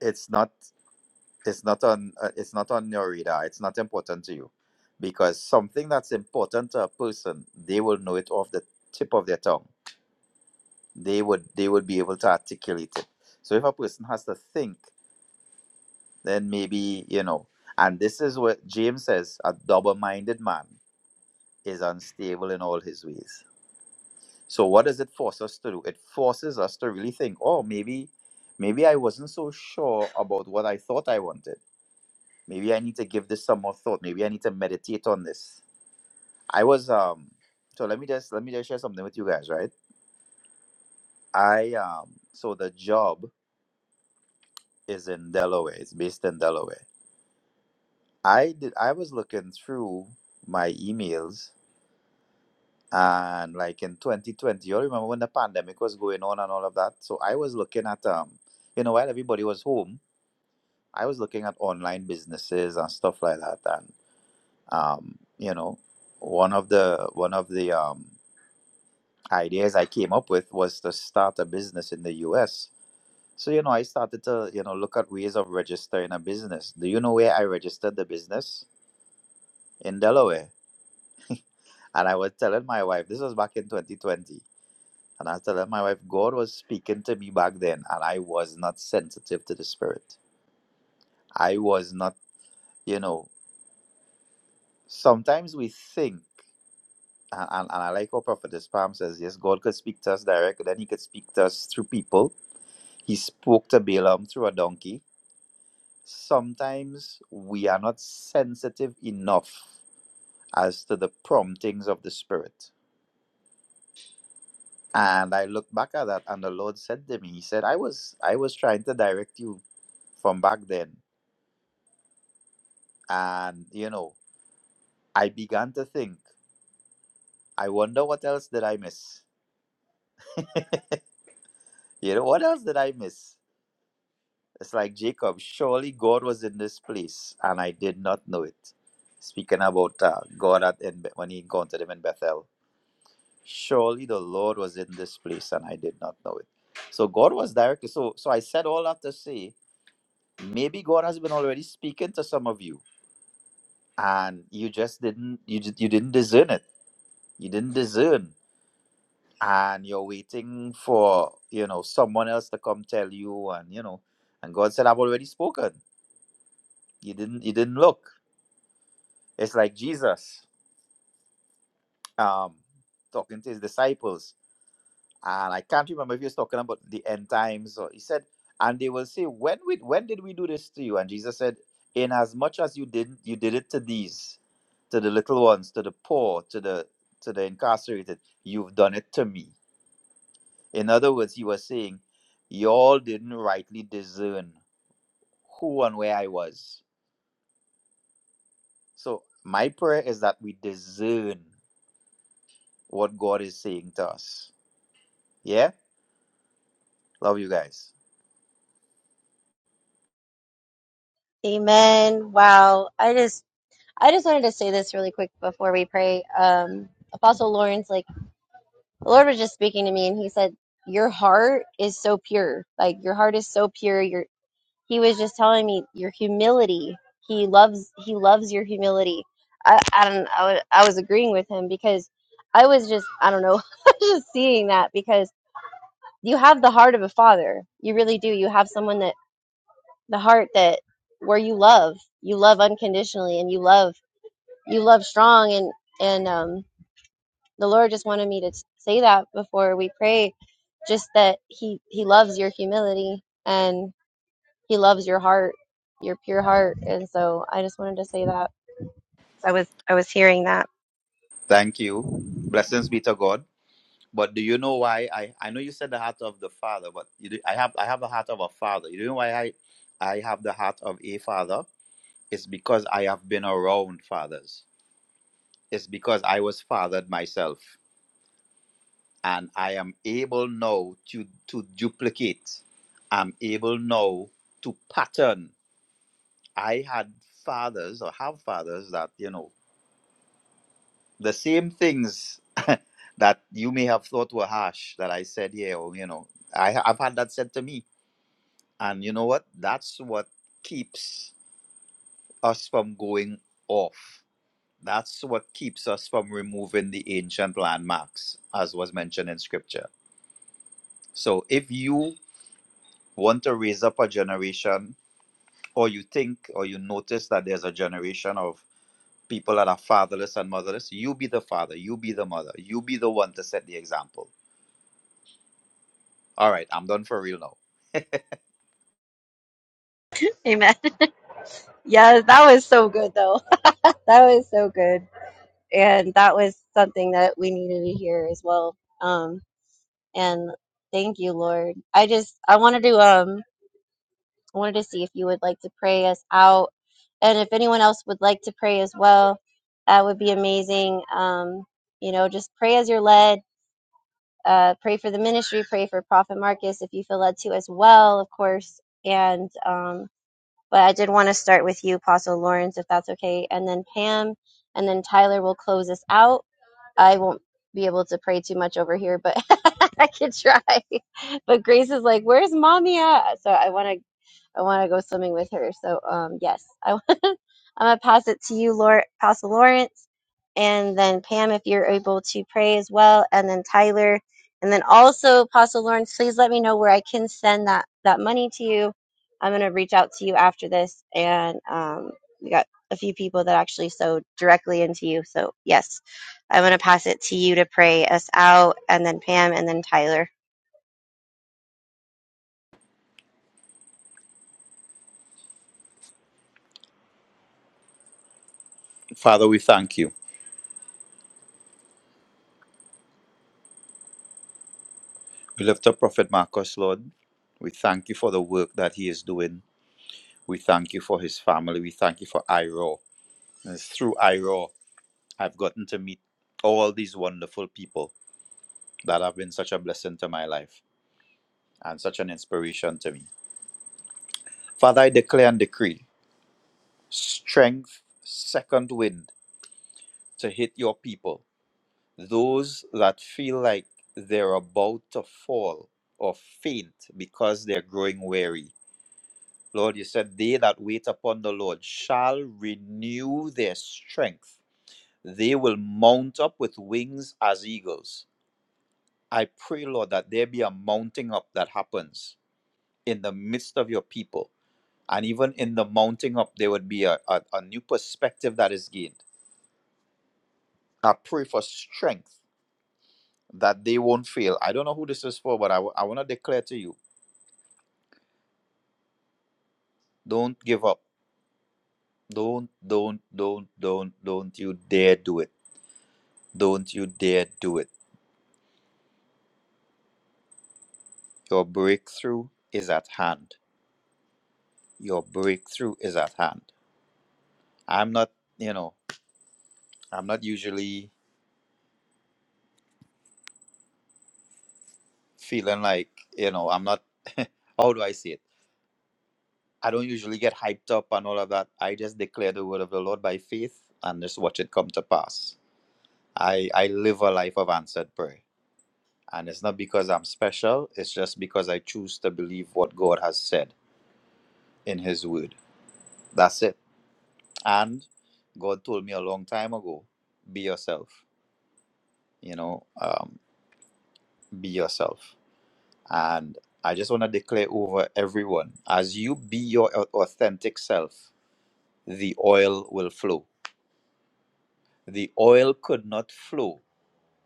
C: it's not it's not on uh, it's not on your radar it's not important to you because something that's important to a person they will know it off the tip of their tongue they would they would be able to articulate it so if a person has to think then maybe you know and this is what james says a double-minded man is unstable in all his ways so what does it force us to do it forces us to really think oh maybe maybe i wasn't so sure about what i thought i wanted Maybe I need to give this some more thought. Maybe I need to meditate on this. I was um so let me just let me just share something with you guys, right? I um so the job is in Delaware. It's based in Delaware. I did I was looking through my emails and like in 2020, you all remember when the pandemic was going on and all of that? So I was looking at um you know while everybody was home, I was looking at online businesses and stuff like that and um you know one of the one of the um ideas I came up with was to start a business in the US. So, you know, I started to, you know, look at ways of registering a business. Do you know where I registered the business? In Delaware. And I was telling my wife, this was back in 2020. And I was telling my wife, God was speaking to me back then, and I was not sensitive to the spirit. I was not, you know, sometimes we think, and, and, and I like what Prophetess Palm says, yes, God could speak to us direct, then he could speak to us through people. He spoke to Balaam through a donkey sometimes we are not sensitive enough as to the promptings of the spirit and i look back at that and the lord said to me he said i was i was trying to direct you from back then and you know i began to think i wonder what else did i miss you know what else did i miss it's like jacob surely god was in this place and i did not know it speaking about uh, god at in, when he encountered him in bethel surely the lord was in this place and i did not know it so god was directly so so i said all that to say maybe god has been already speaking to some of you and you just didn't you, ju- you didn't discern it you didn't discern and you're waiting for you know someone else to come tell you and you know and god said i've already spoken you didn't you didn't look it's like jesus um talking to his disciples and I can't remember if he was talking about the end times or he said, and they will say, When we when did we do this to you? And Jesus said, In as much as you did you did it to these, to the little ones, to the poor, to the to the incarcerated, you've done it to me. In other words, he was saying, Y'all didn't rightly discern who and where I was. So my prayer is that we discern what God is saying to us. Yeah? Love you guys.
D: Amen. Wow, I just I just wanted to say this really quick before we pray. Um, Apostle Lawrence, like the Lord was just speaking to me, and he said, "Your heart is so pure. Like your heart is so pure. Your He was just telling me your humility. He loves He loves your humility. I I don't I was, I was agreeing with him because I was just I don't know I was just seeing that because you have the heart of a father. You really do. You have someone that the heart that where you love you love unconditionally and you love you love strong and and um the Lord just wanted me to s- say that before we pray, just that He He loves your humility and He loves your heart, your pure heart. And so I just wanted to say that. I was I was hearing that.
C: Thank you. Blessings be to God. But do you know why I I know you said the heart of the father, but you do, I have I have the heart of a father. You know why I I have the heart of a father? It's because I have been around fathers. It's because I was fathered myself, and I am able now to to duplicate. I'm able now to pattern. I had fathers or have fathers that you know the same things that you may have thought were harsh that I said here. Or, you know, I I've had that said to me And you know what? That's what keeps us from going off. That's what keeps us from removing the ancient landmarks, as was mentioned in scripture. So if you want to raise up a generation, or you think or you notice that there's a generation of people that are fatherless and motherless, you be the father, you be the mother, you be the one to set the example. All right, I'm done for real now.
D: Amen. Yeah, that was so good though. That was so good, and that was something that we needed to hear as well. Um, and thank you, Lord. I just I wanted to um I wanted to see if you would like to pray us out. And if anyone else would like to pray as well, that would be amazing. Um, you know, just pray as you're led. Uh, pray for the ministry. Pray for Prophet Marcus if you feel led to as well, of course. And, um, but I did want to start with you, Apostle Lawrence, if that's okay. And then Pam, and then Tyler will close us out I won't be able to pray too much over here, but I could try. But Grace is like, "Where's mommy at?" So I want to, I want to go swimming with her. So um, yes, I, am gonna pass it to you, Laura, Pastor Lawrence, and then Pam, if you're able to pray as well, and then Tyler, and then also Pastor Lawrence, please let me know where I can send that that money to you. I'm gonna reach out to you after this, and um, we got a few people that actually sewed directly into you. So yes I'm going to pass it to you to pray us out, and then Pam, and then Tyler.
C: Father, we thank you. We lift up Prophet Marcus, Lord. We thank you for the work that he is doing We thank you for his family. We thank you for Iro. And it's through Iro I've gotten to meet all these wonderful people that have been such a blessing to my life and such an inspiration to me. Father, I declare and decree strength, second wind to hit your people. Those that feel like they're about to fall or faint because they're growing weary. Lord, you said, They that wait upon the Lord shall renew their strength They will mount up with wings as eagles. I pray, Lord, that there be a mounting up that happens in the midst of your people. And even in the mounting up, there would be a, a, a new perspective that is gained. I pray for strength that they won't fail. I don't know who this is for, but I, w- I want to declare to you don't give up. Don't, don't, don't, don't, don't you dare do it. Don't you dare do it. Your breakthrough is at hand. Your breakthrough is at hand. I'm not, you know, I'm not usually feeling like, you know, I'm not, how do I say it? I don't usually get hyped up and all of that. I just declare the word of the Lord by faith and just watch it come to pass. I, I live a life of answered prayer. And it's not because I'm special, it's just because I choose to believe what God has said in His word. That's it. And God told me a long time ago be yourself, you know, um, be yourself. And I just want to declare over everyone as you be your au- authentic self, the oil will flow. The oil could not flow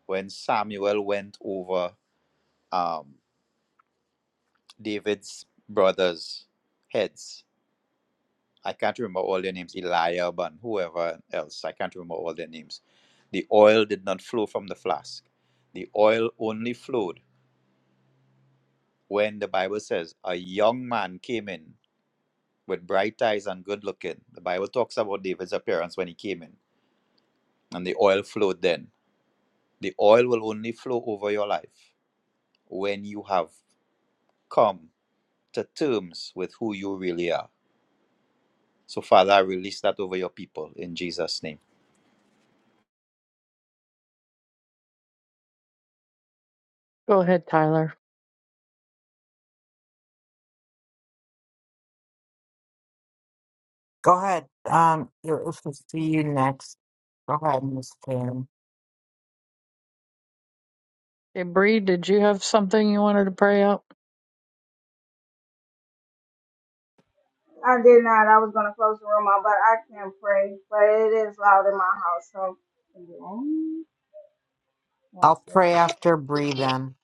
C: when Samuel went over um, David's brothers' heads. I can't remember all their names, Eliab and whoever else. I can't remember all their names. The oil did not flow from the flask. The oil only flowed when the Bible says a young man came in with bright eyes and good looking. The Bible talks about David's appearance when he came in, and the oil flowed then. The oil will only flow over your life when you have come to terms with who you really are. So, Father, I release that over your people in Jesus' name.
E: Go ahead, Tyler.
B: Go ahead. Um, you're- if we see you next. Go ahead, Miss Kim.
E: Hey, Bree, did you have something you wanted to pray out?
F: I did not. I was gonna close the room out, but I can't pray. But it is loud in my house, so. yeah. One
B: I'll
F: second.
B: pray after breathe in.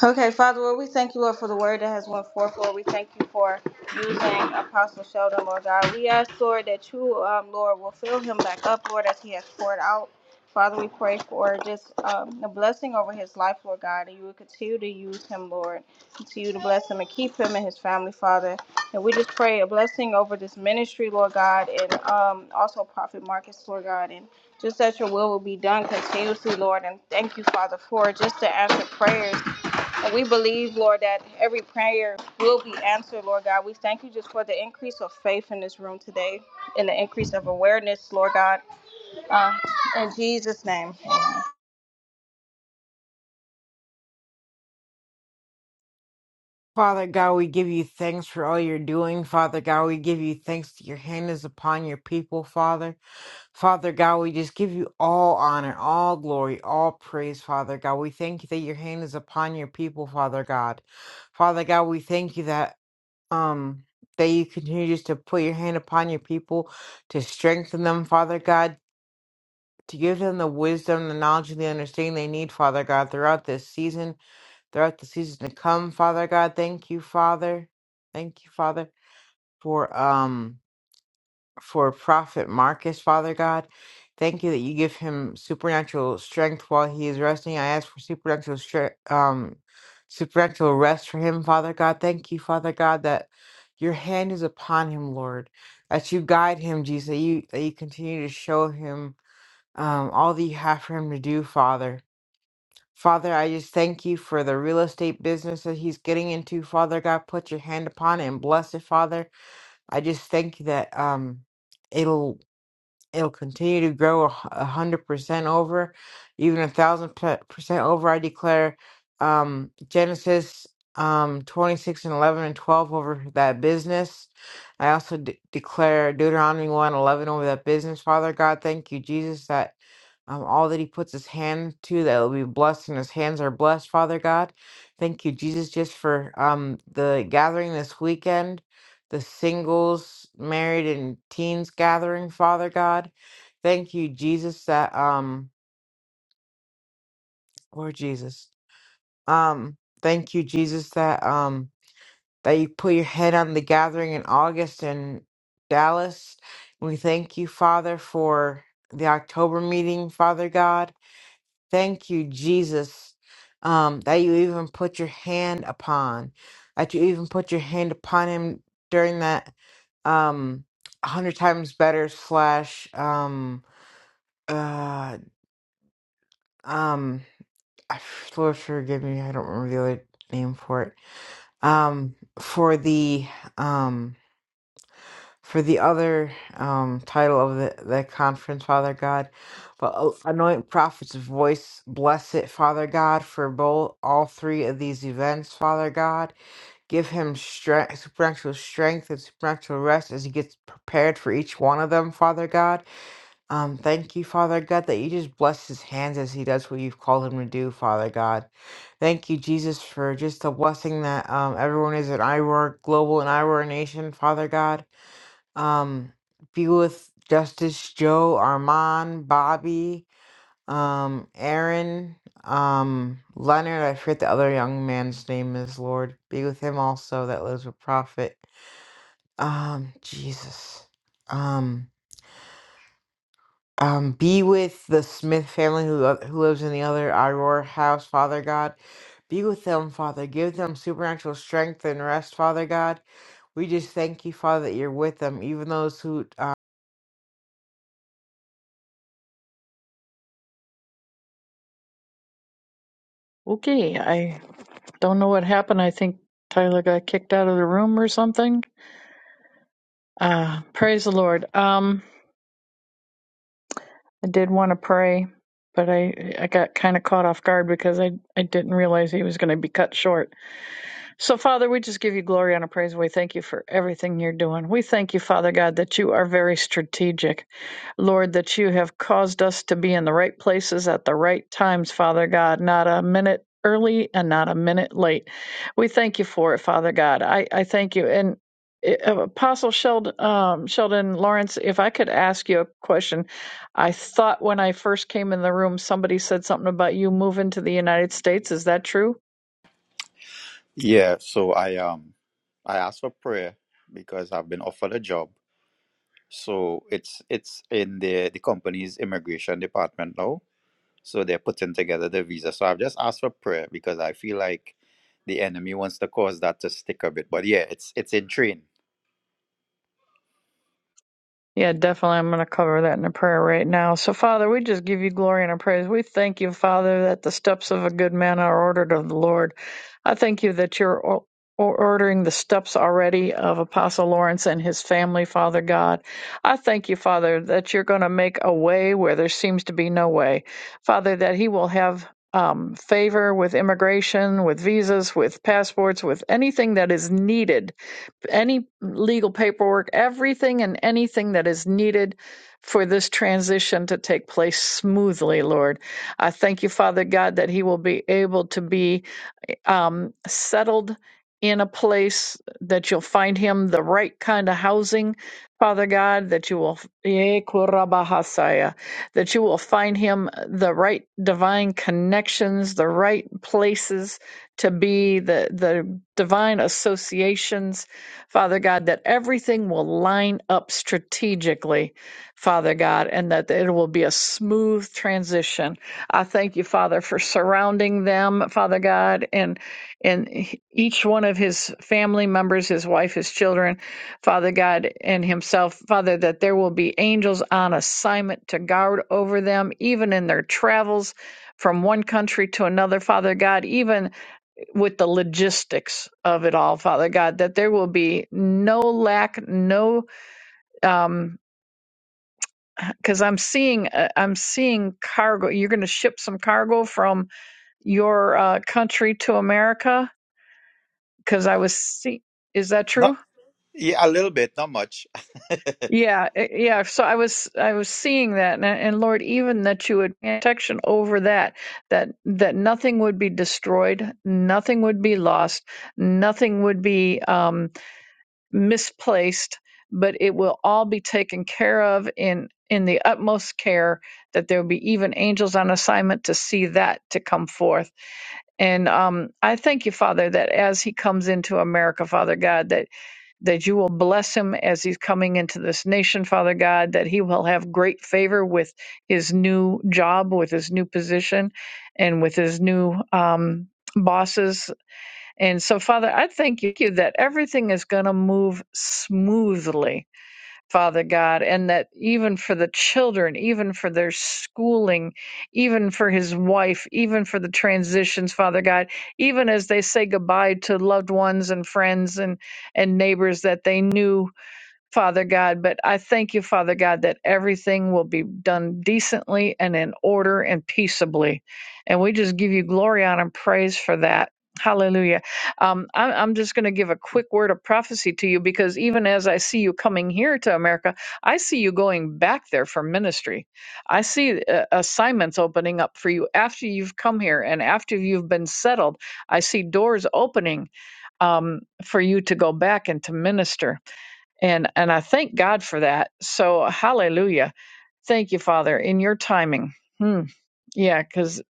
F: Okay, Father, Lord, we thank you, Lord, for the word that has went forth, Lord. We thank you for using Apostle Sheldon, Lord God. We ask, Lord, that you, um, Lord, will fill him back up, Lord, as he has poured out. Father, we pray for just um, a blessing over his life, Lord God, that you would continue to use him, Lord. Continue to bless him and keep him and his family, Father. And we just pray a blessing over this ministry, Lord God, and um, also Prophet Marcus, Lord God, and just that your will will be done continuously, Lord. And thank you, Father, for just the answered prayers and we believe, Lord, that every prayer will be answered, Lord God. We thank you just for the increase of faith in this room today and the increase of awareness, Lord God. Uh, in Jesus' name. Amen.
B: Father God, we give you thanks for all you're doing. Father God, we give you thanks that your hand is upon your people, Father. Father God, we just give you all honor, all glory, all praise, Father God. We thank you that your hand is upon your people, Father God. Father God, we thank you that. um that you continue just to put your hand upon your people to strengthen them, Father God, to give them the wisdom, the knowledge, and the understanding they need, Father God, throughout this season, throughout the season to come, Father God. Thank you, Father. Thank you, Father, for um for Prophet Marcus, Father God. Thank you that you give him supernatural strength while he is resting. I ask for supernatural strength, um, supernatural rest for him, Father God. Thank you, Father God, that your hand is upon him, Lord. That you guide him, Jesus. That you that you continue to show him um, all that you have for him to do, Father. Father, I just thank you for the real estate business that he's getting into, Father God. Put your hand upon it and bless it, Father. I just thank you that um, it'll It'll continue to grow a hu- a hundred percent over, even a thousand pe- percent over. I declare um, Genesis um, twenty six and eleven and twelve over that business. I also de- declare Deuteronomy one 11 over that business. Father God, thank you, Jesus, that um, all that he puts his hand to that will be blessed and his hands are blessed father god thank you jesus just for um, the gathering this weekend the singles married and teens gathering father god thank you jesus that um lord jesus um thank you jesus that um that you put your head on the gathering in august in dallas we thank you father for the october meeting father god Thank you, Jesus, um, that you even put your hand upon, that you even put your hand upon him during that um, a hundred times better slash um, uh, um, I- Lord forgive me, I don't remember the other name for it. Um, for the um for the other um, title of the, the conference, Father God. But uh, anoint prophets' voice, bless it, Father God, for both all three of these events, Father God. Give him strength, supernatural strength and supernatural rest as he gets prepared for each one of them, Father God. Um, thank you, Father God, that you just bless his hands as he does what you've called him to do, Father God. Thank you, Jesus, for just the blessing that um, everyone is at IROAR Global and IROAR Nation, Father God um be with Justice Joe, Armand, Bobby, um, Aaron, um, Leonard, I forget the other young man's name is Lord. Be with him also that lives with Prophet. Um, Jesus. Um um, be with the Smith family who, lo- who lives in the other Aurora house, Father God. Be with them, Father. Give them supernatural strength and rest, Father God. We just thank you, Father, that you're with them, even those who
E: Okay. I don't know what happened. I think Tyler got kicked out of the room or something. Uh, praise the Lord. Um, I did want to pray, but I I got kind of caught off guard because I I didn't realize he was going to be cut short. So Father, we just give you glory and praise. We thank you for everything you're doing. We thank you, Father God, that you are very strategic. Lord, that you have caused us to be in the right places at the right times, Father God, not a minute early and not a minute late. We thank you for it, Father God. I, I thank you. And uh, Apostle Sheldon, um, Sheldon Lawrence, if I could ask you a question, I thought when I first came in the room, somebody said something about you moving to the United States. Is that true?
C: Yeah, so I um I asked for prayer because I've been offered a job. So it's it's in the the company's immigration department now So they're putting together the visa. So I've just asked for prayer because I feel like the enemy wants to cause that to stick a bit. But yeah, it's it's in train.
E: Yeah, definitely. I'm going to cover that in a prayer right now. So, Father, we just give you glory and our praise. We thank you, Father, that the steps of a good man are ordered of the Lord. I thank you that you're o- ordering the steps already of Apostle Lawrence and his family, Father God. I thank you, Father, that you're going to make a way where there seems to be no way. Father, that he will have. Um, favor with immigration, with visas, with passports, with anything that is needed any legal paperwork, everything and anything that is needed for this transition to take place smoothly, Lord. I thank you, Father God, that he will be able to be um, settled in a place that you'll find him the right kind of housing, Father God, that you will eh, kurabahasaya, that you will find him uh, the right divine connections, the right places to be, the the divine associations, Father God, that everything will line up strategically, Father God, and that it will be a smooth transition I thank you, Father, for surrounding them, Father God, and and each one of his family members, his wife, his children, Father God, and himself, Father, that there will be angels on assignment to guard over them, even in their travels from one country to another, Father God, even with the logistics of it all, Father God, that there will be no lack, no um because I'm seeing, uh, I'm seeing cargo. You're going to ship some cargo from your uh, country to America because I was see- is that
C: It's not
E: true?
C: yeah, a little bit, not much.
E: Yeah, i- yeah. So I was I was seeing that, and, and Lord, even that you would grant protection over that, that that nothing would be destroyed, nothing would be lost, nothing would be um, misplaced, but it will all be taken care of in in the utmost care. That there will be even angels on assignment to see that to come forth And um, I thank you, Father, that as he comes into America, Father God, that, that you will bless him as he's coming into this nation, Father God, that he will have great favor with his new job, with his new position, and with his new um, bosses. And so, Father, I thank you that everything is going to move smoothly Father God, and that even for the children, even for their schooling, even for his wife, even for the transitions, Father God, even as they say goodbye to loved ones and friends and, and neighbors that they knew Father God, but I thank you, Father God, that everything will be done decently and in order and peaceably. And we just give you glory, honor, and praise for that. Hallelujah. Um, I'm, I'm just going to give a quick word of prophecy to you because even as I see you coming here to America, I see you going back there for ministry. I see uh, assignments opening up for you after you've come here and after you've been settled. I see doors opening um, for you to go back and to minister. And and I thank God for that. So hallelujah. Thank you, Father, in your timing. Hmm. Yeah, because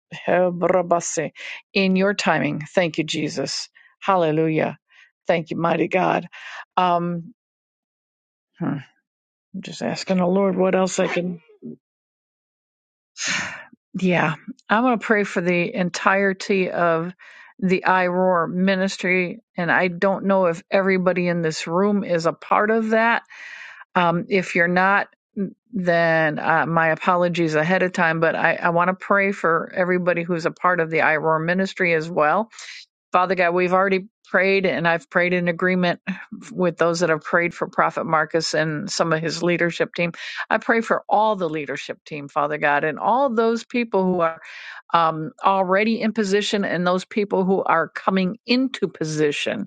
E: in your timing. Thank you, Jesus. Hallelujah. Thank you, mighty God. Um, hmm, I'm just asking the Lord what else I can. Yeah, I'm going to pray for the entirety of the IROAR ministry. And I don't know if everybody in this room is a part of that Um, if you're not, mm, then uh, my apologies ahead of time, but I, I want to pray for everybody who's a part of the IROAR ministry as well. Father God, we've already prayed and I've prayed in agreement with those that have prayed for Prophet Marcus and some of his leadership team. I pray for all the leadership team, Father God, and all those people who are um, already in position and those people who are coming into position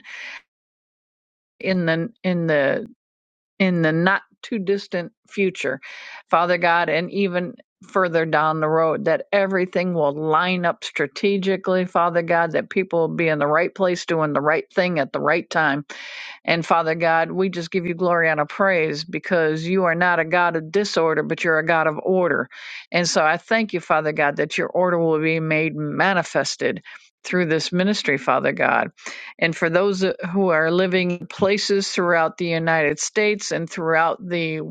E: in the in the in the not too distant future, Father God, and even further down the road, that everything will line up strategically, Father God, that people will be in the right place doing the right thing at the right time and Father God, we just give you glory and a praise because you are not a God of disorder, but you're a God of order. And so I thank you, Father God, that your order will be made manifested through this ministry, Father God. And for those who are living in places throughout the United States and throughout the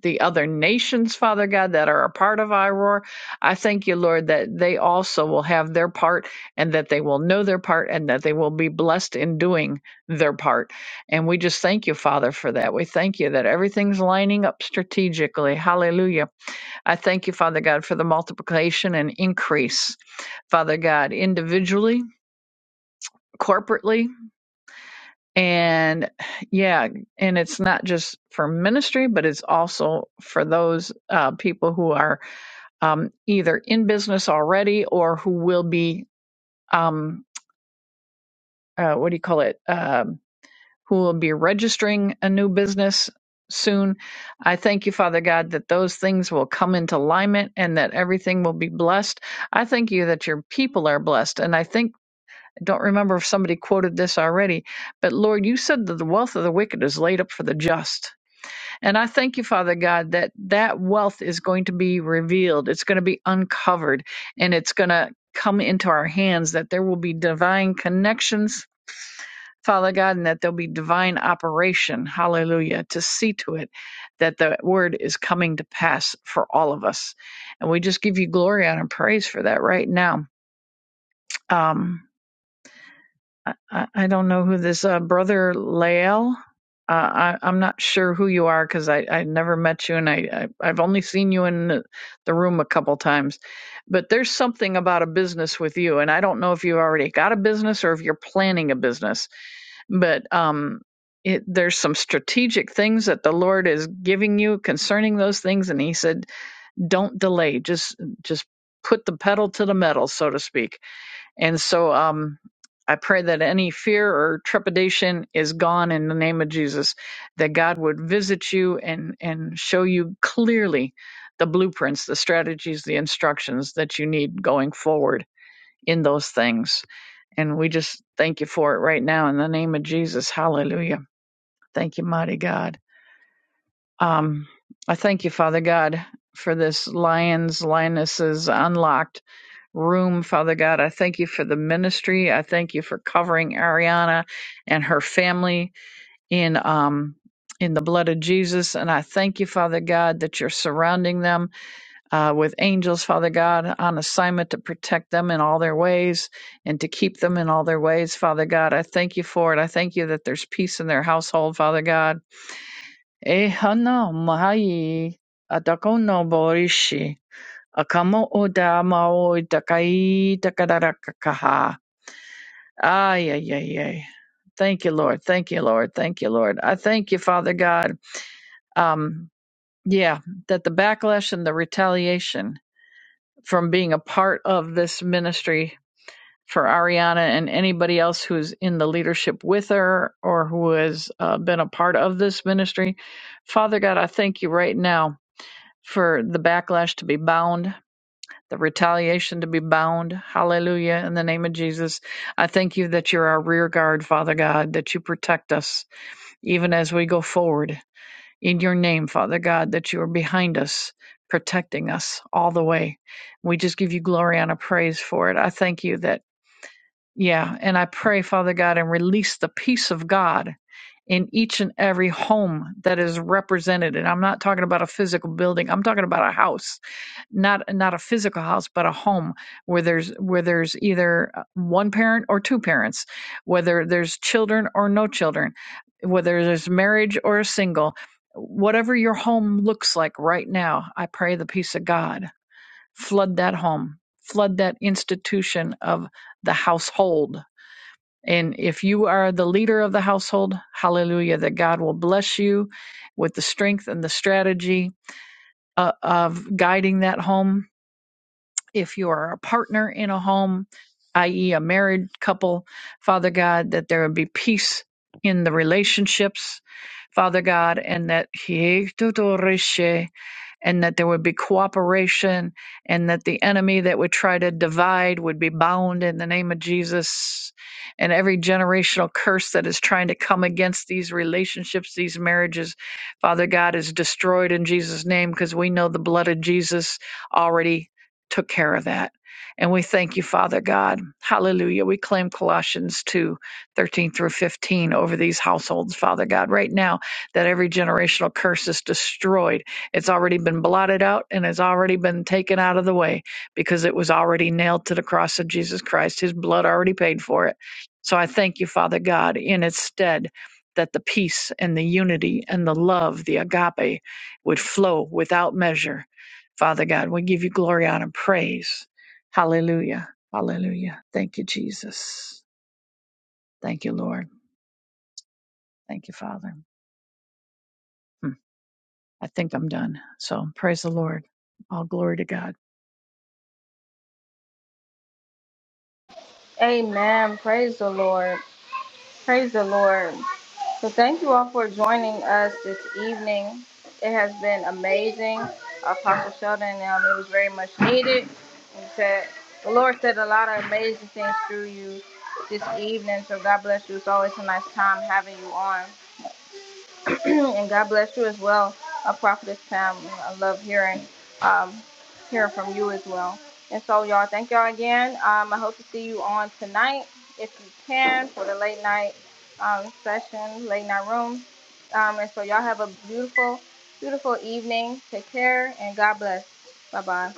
E: the other nations, Father God, that are a part of IROAR, I thank you, Lord, that they also will have their part and that they will know their part and that they will be blessed in doing their part and we just thank you, Father, for that. We thank you that everything's lining up strategically. Hallelujah. I thank you, Father God, for the multiplication and increase, Father God, individually, corporately. And yeah, and it's not just for ministry, but it's also for those uh, people who are um, either in business already or who will be, um, uh, what do you call it? Um who will be registering a new business soon. I thank you, Father God, that those things will come into alignment and that everything will be blessed. I thank you that your people are blessed. And I think, I don't remember if somebody quoted this already, but Lord, you said that the wealth of the wicked is laid up for the just. And I thank you, Father God, that that wealth is going to be revealed. It's going to be uncovered and it's going to come into our hands, that there will be divine connections, Father God, and that there'll be divine operation, hallelujah, to see to it that the word is coming to pass for all of us. And we just give you glory honor, and praise for that right now. Um, I, I I don't know who this uh, brother Lael. Uh, I, I'm not sure who you are because I, I never met you and I, I I've only seen you in the, the room a couple times. But there's something about a business with you, and I don't know if you already got a business or if you're planning a business. But um, it, there's some strategic things that the Lord is giving you concerning those things, and He said, don't delay. Just just put the pedal to the metal, so to speak and so um, I pray that any fear or trepidation is gone in the name of Jesus, that God would visit you and, and show you clearly the blueprints, the strategies, the instructions that you need going forward in those things. And we just thank you for it right now in the name of Jesus. Hallelujah. Thank you, mighty God. Um, I thank you, Father God, for this Lions, Lionesses Unlocked room, Father God. I thank you for the ministry. I thank you for covering Ariana and her family in um in the blood of Jesus. And I thank you, Father God, that you're surrounding them uh, with angels, Father God, on assignment to protect them in all their ways and to keep them in all their ways, Father God. I thank you for it. I thank you that there's peace in their household, Father God. Eh, hana, mahai, atakono borishi. Akamo o da mao dakai dakadarakaha. Ay, ay, ay, ay. Thank you, Lord. Thank you, Lord. Thank you, Lord. I thank you, Father God. Um, yeah, that the backlash and the retaliation from being a part of this ministry for Ariana and anybody else who's in the leadership with her or who has uh, been a part of this ministry, Father God, I thank you right now for the backlash to be bound the retaliation to be bound. Hallelujah. In the name of Jesus, I thank you that you're our rear guard, Father God, that you protect us even as we go forward. In your name, Father God, that you are behind us, protecting us all the way. We just give you glory and a praise for it. I thank you that, yeah, and I pray, Father God, and release the peace of God in each and every home that is represented. And I'm not talking about a physical building, I'm talking about a house not not a physical house but a home where there's where there's either uh, one parent or two parents whether there's children or no children whether there's marriage or a single whatever your home looks like right now i pray the peace of god flood that home flood that institution of the household and if you are the leader of the household hallelujah that god will bless you with the strength and the strategy uh, of guiding that home if you are a partner in a home, i.e., a married couple, Father God, that there would be peace in the relationships, Father God, and that and that there would be cooperation and that the enemy that would try to divide would be bound in the name of Jesus. And every generational curse that is trying to come against these relationships, these marriages, Father God, is destroyed in Jesus' name because we know the blood of Jesus already took care of that. And we thank you, Father God. Hallelujah. We claim Colossians 2, 13 through 15 over these households, Father God, right now, that every generational curse is destroyed it's already been blotted out and has already been taken out of the way because it was already nailed to the cross of Jesus Christ. His blood already paid for it. So I thank you, Father God, in its stead that the peace and the unity and the love, the agape, would flow without measure. Father God, we give you glory, honor, and praise. Hallelujah. Hallelujah. Thank you, Jesus. Thank you, Lord. Thank you, Father. Hmm. I think I'm done. So praise the Lord. All glory to God.
F: Amen. Praise the Lord. Praise the Lord. So, thank you all for joining us this evening. It has been amazing. Apostle Sheldon, um, it was very much needed. And said, the Lord said a lot of amazing things through you this evening. So, God bless you. It's always a nice time having you on. and God bless you as well, a prophetess Pam. I love hearing um, hearing from you as well. And so, y'all, thank y'all again. Um, I hope to see you on tonight if you can for the late night um, session, late night room. Um, and so, y'all have a beautiful, beautiful evening. Take care and God bless. Bye bye.